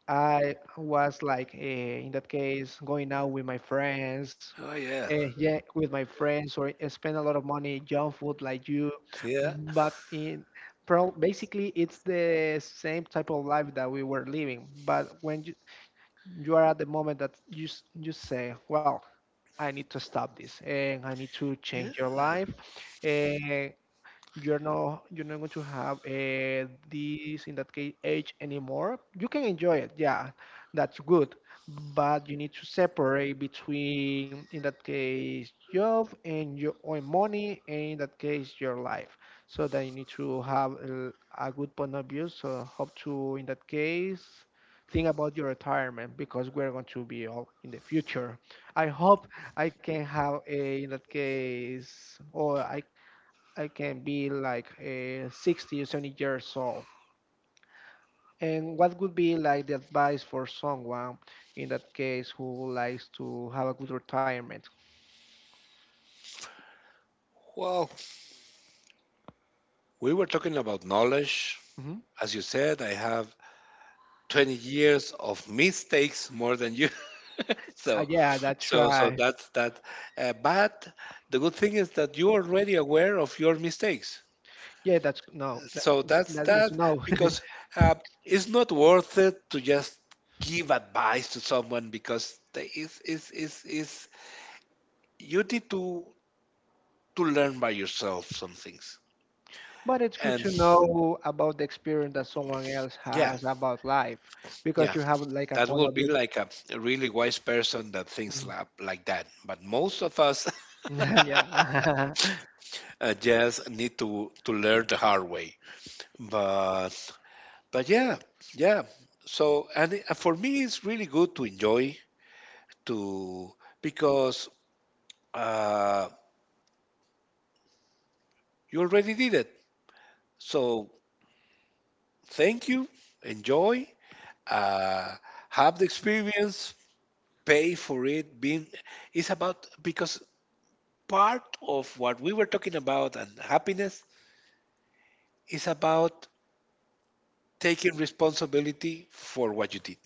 [SPEAKER 1] I was like, in that case, going out with my friends,
[SPEAKER 2] Oh, yeah,
[SPEAKER 1] yeah, with my friends, or I spend a lot of money junk food like you.
[SPEAKER 2] yeah,
[SPEAKER 1] But basically, it's the same type of life that we were living. But when you are at the moment that you you say, well, I need to stop this, and I need to
[SPEAKER 2] yeah.
[SPEAKER 1] change your life. Uh, you're not you're not going to have this in that case age anymore. You can enjoy it, yeah, that's good, but you need to separate between in that case job and your own money and in that case your life. So that you need to have a good point of view, so hope to in that case think about your retirement, because we're going to be all in the future. I hope I can have a in that case, or I can be like 60 or 70 years old. And what would be like the advice for someone in that case who likes to have a good retirement?
[SPEAKER 2] Well, we were talking about knowledge.
[SPEAKER 1] Hmm.
[SPEAKER 2] As you said, I have 20 years of mistakes more than you. so
[SPEAKER 1] Yeah, that's
[SPEAKER 2] so
[SPEAKER 1] right.
[SPEAKER 2] that's that, but the good thing is that you're already aware of your mistakes.
[SPEAKER 1] Yeah, that's no, that,
[SPEAKER 2] So that's
[SPEAKER 1] that's good to
[SPEAKER 2] that,
[SPEAKER 1] know.
[SPEAKER 2] because uh, it's not worth it to just give advice to someone, because you need to learn by yourself some things.
[SPEAKER 1] But it's good
[SPEAKER 2] And
[SPEAKER 1] to know about the experience that someone else
[SPEAKER 2] yeah,
[SPEAKER 1] has about life, because
[SPEAKER 2] yeah,
[SPEAKER 1] you have like a
[SPEAKER 2] that
[SPEAKER 1] point
[SPEAKER 2] will
[SPEAKER 1] of
[SPEAKER 2] be
[SPEAKER 1] view.
[SPEAKER 2] like a really wise person that thinks
[SPEAKER 1] Mhm.
[SPEAKER 2] like that. But most of us
[SPEAKER 1] Yeah.
[SPEAKER 2] just need to learn the hard way. But but yeah, yeah. So, for me, it's really good to enjoy, to because uh, you already did it. So thank you, enjoy, uh, have the experience, pay for it. Being, it's about, because part of what we were talking about, and happiness is about taking responsibility for what you did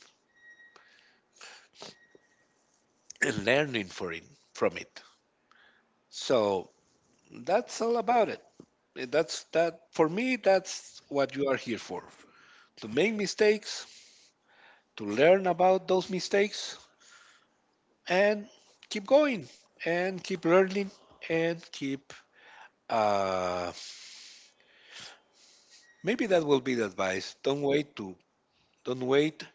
[SPEAKER 2] and learning for it, from it. So that's all about it. That's that, for me, that's what you are here for. To make mistakes, to learn about those mistakes, and keep going and keep learning and keep, uh, maybe that will be the advice. Don't wait to don't wait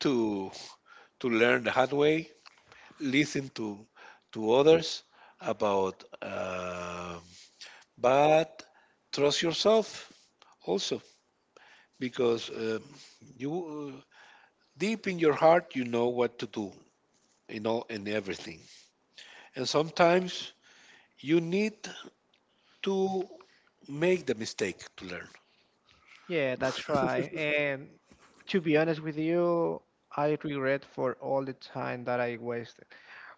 [SPEAKER 2] to to learn the hard way. Listen to others about but trust yourself also, because you uh, deep in your heart you know what to do, in everything, and sometimes you need to make the mistake to learn.
[SPEAKER 1] Yeah, that's right. And to be honest with you, I regret for all the time that I wasted.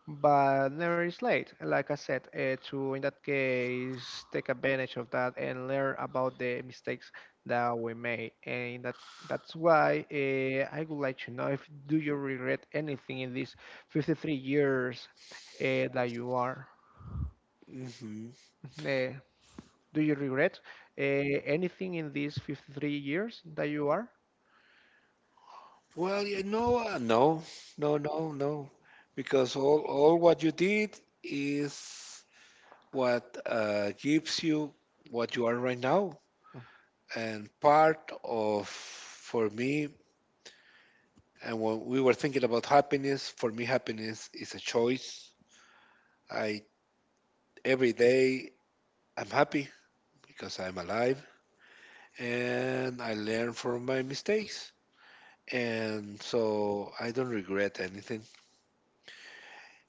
[SPEAKER 1] But never is late. Like I said, to in that case take advantage of that and learn about the mistakes that we made. And that's why I would like to know if do you regret anything in these 53 years that you are?
[SPEAKER 2] hmm
[SPEAKER 1] Uh, do you regret anything in these 53 years that you are?
[SPEAKER 2] well, no, no, no, no, because all what you did is what gives you what you are right now. And part of, for me, and when we were thinking about happiness, for me happiness is a choice. I Every day I'm happy because I'm alive, and I learn from my mistakes, and so I don't regret anything.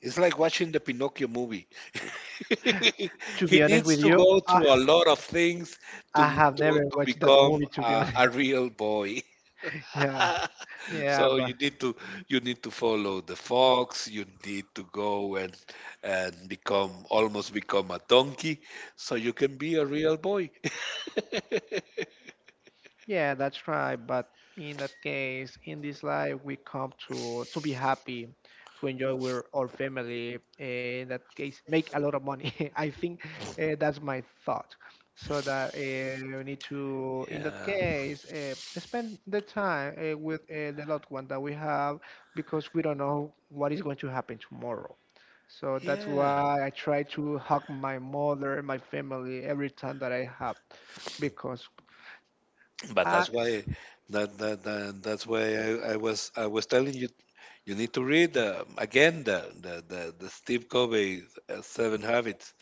[SPEAKER 2] It's like watching the Pinocchio movie.
[SPEAKER 1] To be
[SPEAKER 2] He
[SPEAKER 1] honest
[SPEAKER 2] needs
[SPEAKER 1] with
[SPEAKER 2] to
[SPEAKER 1] you,
[SPEAKER 2] go
[SPEAKER 1] I,
[SPEAKER 2] through a lot of things to
[SPEAKER 1] I have
[SPEAKER 2] to,
[SPEAKER 1] never
[SPEAKER 2] to
[SPEAKER 1] watched that
[SPEAKER 2] become
[SPEAKER 1] movie. To be
[SPEAKER 2] a,
[SPEAKER 1] honest,
[SPEAKER 2] a real boy.
[SPEAKER 1] yeah, yeah,
[SPEAKER 2] So you need to, follow the fox. You need to go and become almost become a donkey, so you can be a real boy.
[SPEAKER 1] yeah, that's right. But in that case, in this life, we come to be happy, to enjoy with our family. Eh, in that case, make a lot of money. I think that's my thought. So that you need to, in that
[SPEAKER 2] Yeah,
[SPEAKER 1] case, spend the time with the loved one that we have, because we don't know what is going to happen tomorrow. So that's
[SPEAKER 2] yeah.
[SPEAKER 1] why I try to hug my mother, my family every time that I have, because.
[SPEAKER 2] But
[SPEAKER 1] I,
[SPEAKER 2] that's why that, that, that that's why I was telling you, you need to read again the Steve Covey Seven Habits,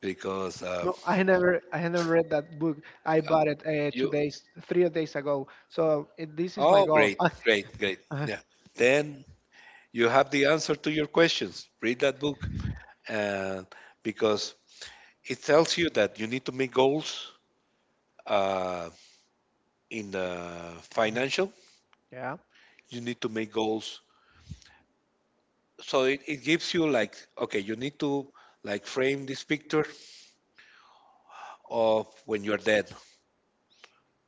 [SPEAKER 2] because
[SPEAKER 1] No, I never read that book. I
[SPEAKER 2] uh,
[SPEAKER 1] bought it two
[SPEAKER 2] you
[SPEAKER 1] days, 3 days ago. So it, this is my
[SPEAKER 2] oh,
[SPEAKER 1] goal.
[SPEAKER 2] great,
[SPEAKER 1] Ah,
[SPEAKER 2] great, great,
[SPEAKER 1] uh,
[SPEAKER 2] yeah. Then you have the answer to your questions. Read that book, and because it tells you that you need to make goals. uh, in the financial,
[SPEAKER 1] yeah,
[SPEAKER 2] you need to make goals. So it gives you like, okay, you need to like frame this picture of when you're dead,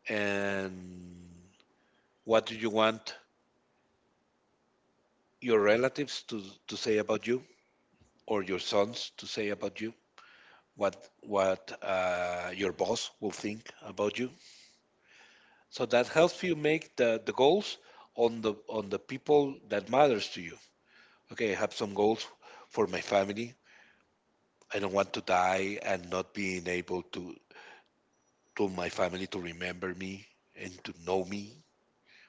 [SPEAKER 2] and what do you want your relatives to say about you, or your sons to say about you, what your boss will think about you. So that helps you make the goals, on the people that matters to you. Okay, I have some goals for my family. I don't want to die and not being able to my family, to remember me and to know me.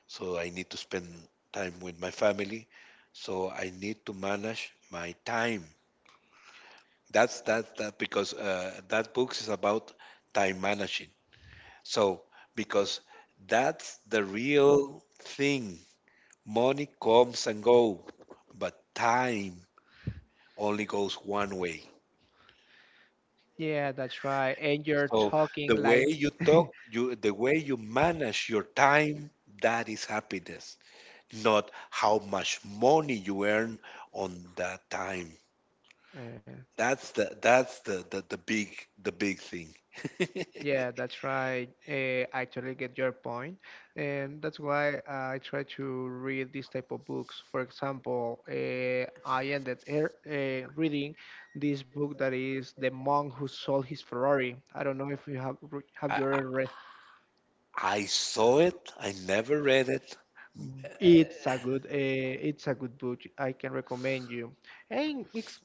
[SPEAKER 2] So I need to spend time with my family. So I need to manage my time. That's that, that because that book is about time managing. So, because that's the real thing. Money comes and go, but time only goes one way.
[SPEAKER 1] yeah, that's right. And you're
[SPEAKER 2] So
[SPEAKER 1] talking like,
[SPEAKER 2] the way you manage your time, that is happiness, not how much money you earn on that time.
[SPEAKER 1] uh,
[SPEAKER 2] That's the big thing.
[SPEAKER 1] yeah, that's right. I totally get your point, and that's why I try to read these type of books. For example, I ended reading this book that is "The Monk Who Sold His Ferrari." I don't know if you have have
[SPEAKER 2] I,
[SPEAKER 1] you
[SPEAKER 2] I
[SPEAKER 1] ever read.
[SPEAKER 2] I saw it. I never read it.
[SPEAKER 1] It's a good book. I can recommend you, and it's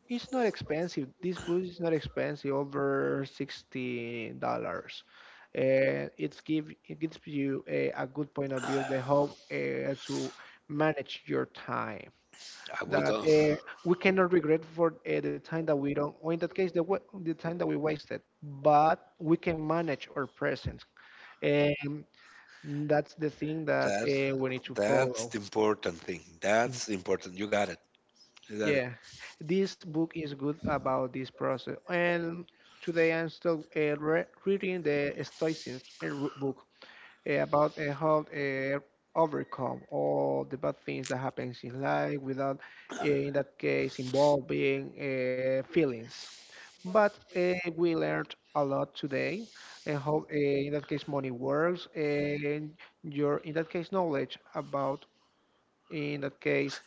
[SPEAKER 1] it's not expensive. This book is not expensive, over $60. And it gives you a good point of view the how to manage your time.
[SPEAKER 2] I was
[SPEAKER 1] That
[SPEAKER 2] done.
[SPEAKER 1] we cannot regret for the time that we don't, or in that case, the the time that we wasted. But we can manage our present, and that's the thing that
[SPEAKER 2] That
[SPEAKER 1] we need to
[SPEAKER 2] that's
[SPEAKER 1] follow.
[SPEAKER 2] the important thing. That's important. You got it. Is that it?
[SPEAKER 1] Yeah, this book is good about this process. And today I'm still re reading the Stoicism book about how to overcome all the bad things that happens in life without, in that case, involving feelings. But we learned a lot today and how, in that case, money works and your, in that case, knowledge about, in that case,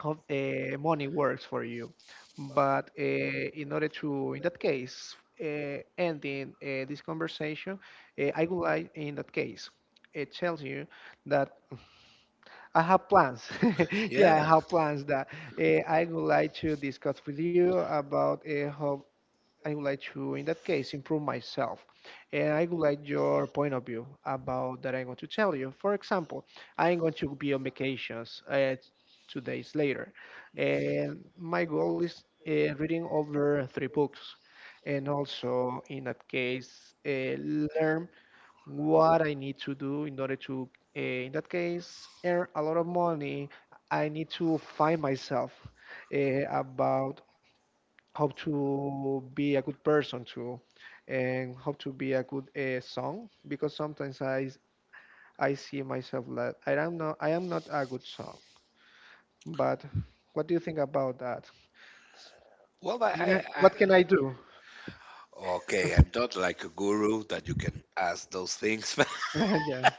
[SPEAKER 1] how money works for you. But in order to, in that case, ending this conversation, I would like, in that case, it tells you that I have plans. Yeah, I
[SPEAKER 2] Yeah.
[SPEAKER 1] have plans that I would like to discuss with you about how I would like to, in that case, improve myself. And I would like your point of view about that I'm going to tell you. For example, I'm going to be on vacations 2 days later. And my goal is reading over 3 books. And also, in that case, learn what I need to do in order to, in that case, earn a lot of money. I need to find myself about how to be a good person too, and how to be a good song. Because sometimes I see myself that I am not a good song. But what do you think about that?
[SPEAKER 2] Well,
[SPEAKER 1] Yeah,
[SPEAKER 2] I
[SPEAKER 1] what can I do?
[SPEAKER 2] okay. I'm not like a guru that you can ask those things,
[SPEAKER 1] Yeah.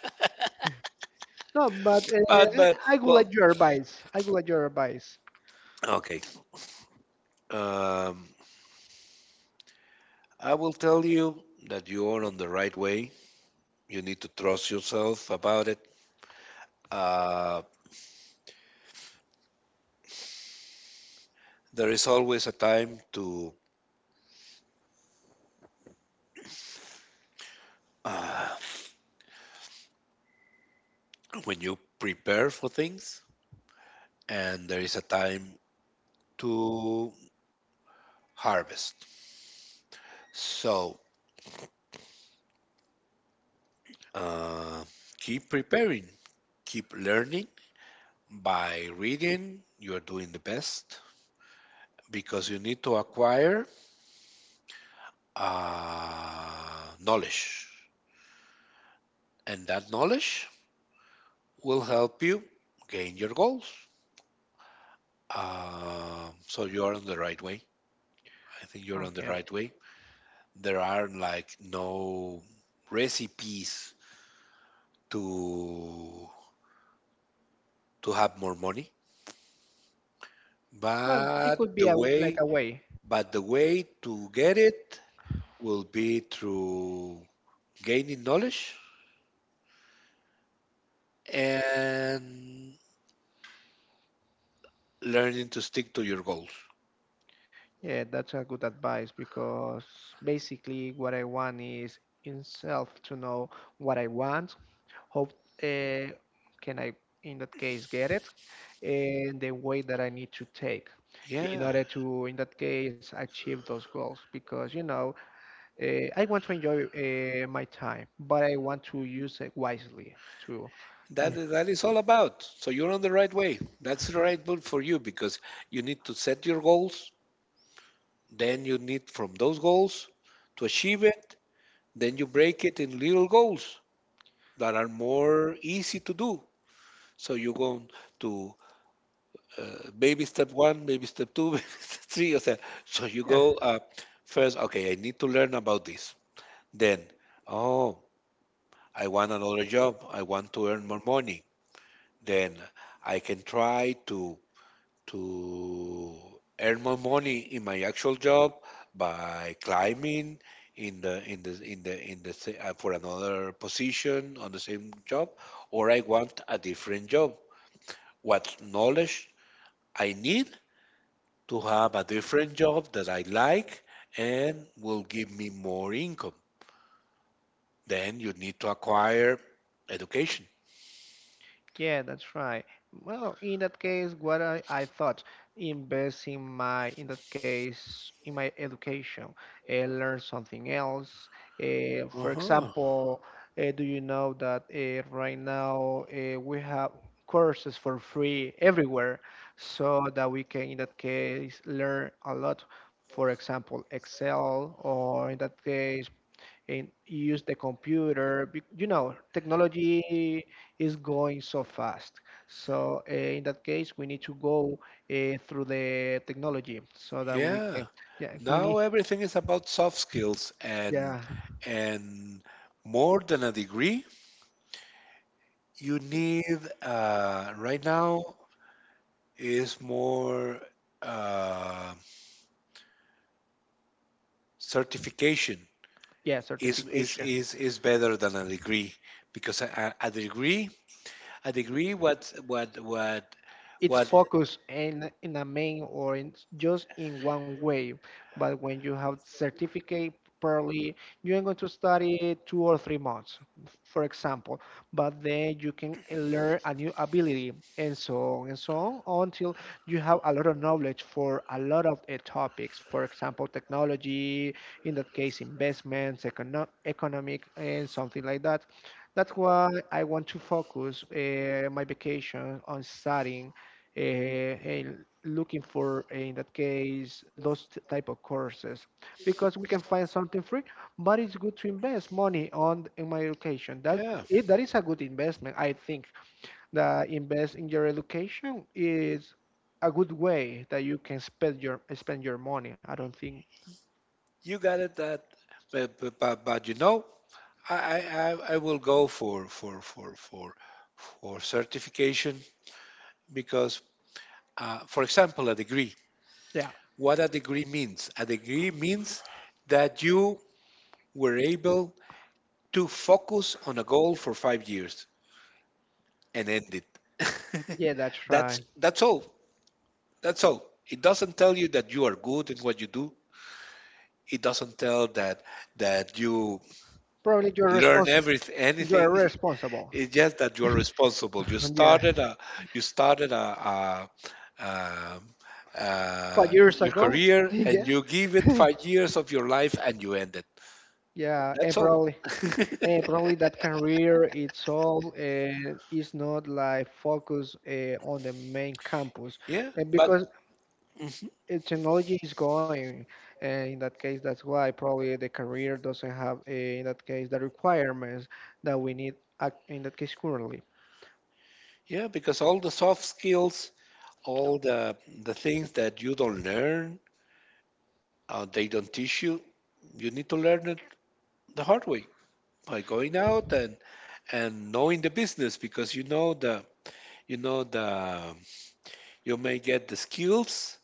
[SPEAKER 1] No, but
[SPEAKER 2] but
[SPEAKER 1] I,
[SPEAKER 2] but
[SPEAKER 1] I would
[SPEAKER 2] well,
[SPEAKER 1] like your advice. I would like your advice.
[SPEAKER 2] okay. Um, I will tell you that you are on the right way. You need to trust yourself about it. Uh, there is always a time to, uh, when you prepare for things, and there is a time to harvest. So uh, keep preparing, keep learning by reading. You're doing the best, because you need to acquire knowledge, and that knowledge will help you gain your goals. So you're on the right way. I think you're on the
[SPEAKER 1] Okay.
[SPEAKER 2] right way. There are like no recipes to to have more money,
[SPEAKER 1] Well, it
[SPEAKER 2] but
[SPEAKER 1] could
[SPEAKER 2] the
[SPEAKER 1] be a, like
[SPEAKER 2] way,
[SPEAKER 1] a way.
[SPEAKER 2] to get it will be through gaining knowledge and learning to stick to your goals.
[SPEAKER 1] Yeah, that's a good advice, because basically what I want is in self to know what I want, how uh, can I, in that case, get it, and the way that I need to take in
[SPEAKER 2] Yeah,
[SPEAKER 1] order to, in that case, achieve those goals. Because, you know, I want to enjoy my time, but I want to use it wisely too.
[SPEAKER 2] that
[SPEAKER 1] Yeah,
[SPEAKER 2] that is all about. So you're on the right way. That's the right book for you, because you need to set your goals. Then you need from those goals to achieve it. Then you break it in little goals that are more easy to do. So you go to baby step one, baby step two, baby step three. Or So, you
[SPEAKER 1] yeah.
[SPEAKER 2] go, first. Okay, I need to learn about this. Then, oh, I want another job. I want to earn more money. Then I can try to earn more money in my actual job by climbing in the in the in the in the for another position on the same job, or I want a different job. What knowledge I need to have a different job that I like and will give me more income. Then you need to acquire education.
[SPEAKER 1] Yeah, that's right. Well, in that case, what I thought, invest in my, in that case, in my education, learn something else. For
[SPEAKER 2] Uh-huh.
[SPEAKER 1] example, do you know that right now we have courses for free everywhere, so that we can, in that case, learn a lot. For example, Excel, or in that case, and use the computer. You know, technology is going so fast. So in that case, we need to go through the technology so that we can.
[SPEAKER 2] Yeah.
[SPEAKER 1] Yeah, we need.
[SPEAKER 2] Now everything is about soft skills, and
[SPEAKER 1] Yeah,
[SPEAKER 2] and more than a degree, you need, right now is more, uh, certification
[SPEAKER 1] yeah,
[SPEAKER 2] is, is
[SPEAKER 1] certification.
[SPEAKER 2] is is better than a degree, because a degree, a degree what what what
[SPEAKER 1] It's
[SPEAKER 2] what
[SPEAKER 1] focused in a main or in just in one way. But when you have certificate early, you are going to study 2 or 3 months, for example. But then you can learn a new ability and so on until you have a lot of knowledge for a lot of topics. For example, technology, in that case, investments, economic, and something like that. That's why I want to focus my vacation on studying and looking for in that case those type of courses, because we can find something free, but it's good to invest money on in my education, that
[SPEAKER 2] yeah,
[SPEAKER 1] it, that is a good investment. I think that invest in your education is a good way that you can spend your money. I don't think.
[SPEAKER 2] you got it. That But, I I I will go for certification. Because, for example, a degree.
[SPEAKER 1] Yeah,
[SPEAKER 2] What a degree means? A degree means that you were able to focus on a goal for 5 years and end it.
[SPEAKER 1] yeah, that's
[SPEAKER 2] That's
[SPEAKER 1] right.
[SPEAKER 2] that's all. That's all. It doesn't tell you that you are good in what you do. It doesn't tell that you
[SPEAKER 1] Probably you're
[SPEAKER 2] learn
[SPEAKER 1] responsible,
[SPEAKER 2] everything,
[SPEAKER 1] you're
[SPEAKER 2] anything.
[SPEAKER 1] responsible
[SPEAKER 2] It's just that you're responsible. You
[SPEAKER 1] Yeah,
[SPEAKER 2] started you started a, a, um
[SPEAKER 1] 5 years
[SPEAKER 2] your
[SPEAKER 1] ago.
[SPEAKER 2] career, and
[SPEAKER 1] Yeah.
[SPEAKER 2] you give it 5 years of your life, and you end it.
[SPEAKER 1] Yeah,
[SPEAKER 2] That's
[SPEAKER 1] and
[SPEAKER 2] all.
[SPEAKER 1] probably probably that career it's all is not like focus on the main campus
[SPEAKER 2] Yeah, but
[SPEAKER 1] because
[SPEAKER 2] mhm.
[SPEAKER 1] technology is going in that case, that's why probably the career doesn't have in that case the requirements that we need in that case currently.
[SPEAKER 2] Yeah. Because all the soft skills, all the things that you don't learn, they don't teach you. You need to learn it the hard way by going out and knowing the business. Because, you know, the, you know the you may get the skills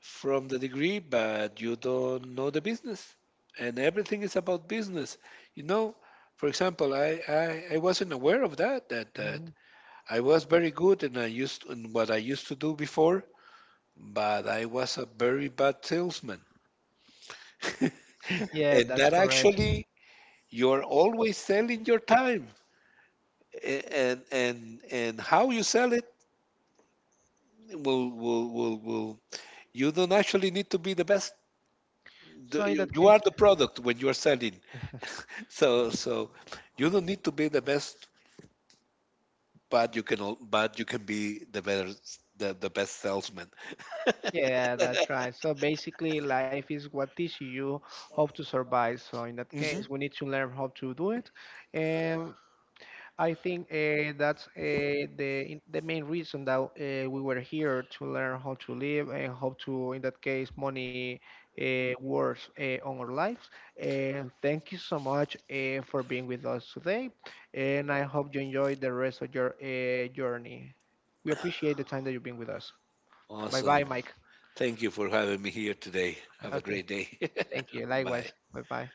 [SPEAKER 2] from the degree, but you don't know the business. And everything is about business. You know, for example, I wasn't aware of that,
[SPEAKER 1] Mhm.
[SPEAKER 2] I was very good in what I used to do before, but I was a very bad salesman.
[SPEAKER 1] Yeah,
[SPEAKER 2] And
[SPEAKER 1] that's
[SPEAKER 2] that
[SPEAKER 1] correct.
[SPEAKER 2] actually, you're always selling your time. And and how you sell it will you don't actually need to be the best.
[SPEAKER 1] So
[SPEAKER 2] the,
[SPEAKER 1] in that
[SPEAKER 2] you, you
[SPEAKER 1] case,
[SPEAKER 2] are the product when you are selling. So you don't need to be the best, but but you can be the best salesman.
[SPEAKER 1] yeah, that's right. So basically life is what teaches you how to survive, so in that case
[SPEAKER 2] Mhm.
[SPEAKER 1] we need to learn how to do it. And I think that's the the main reason that we were here, to learn how to live and how to, in that case, money works on our lives. And thank you so much for being with us today. And I hope you enjoy the rest of your journey. We appreciate the time that you've been with us. Bye bye,
[SPEAKER 2] Awesome.
[SPEAKER 1] Mike.
[SPEAKER 2] Thank you for having me here today. Have a
[SPEAKER 1] Okay,
[SPEAKER 2] great day.
[SPEAKER 1] thank you. Likewise.
[SPEAKER 2] Bye.
[SPEAKER 1] Bye bye.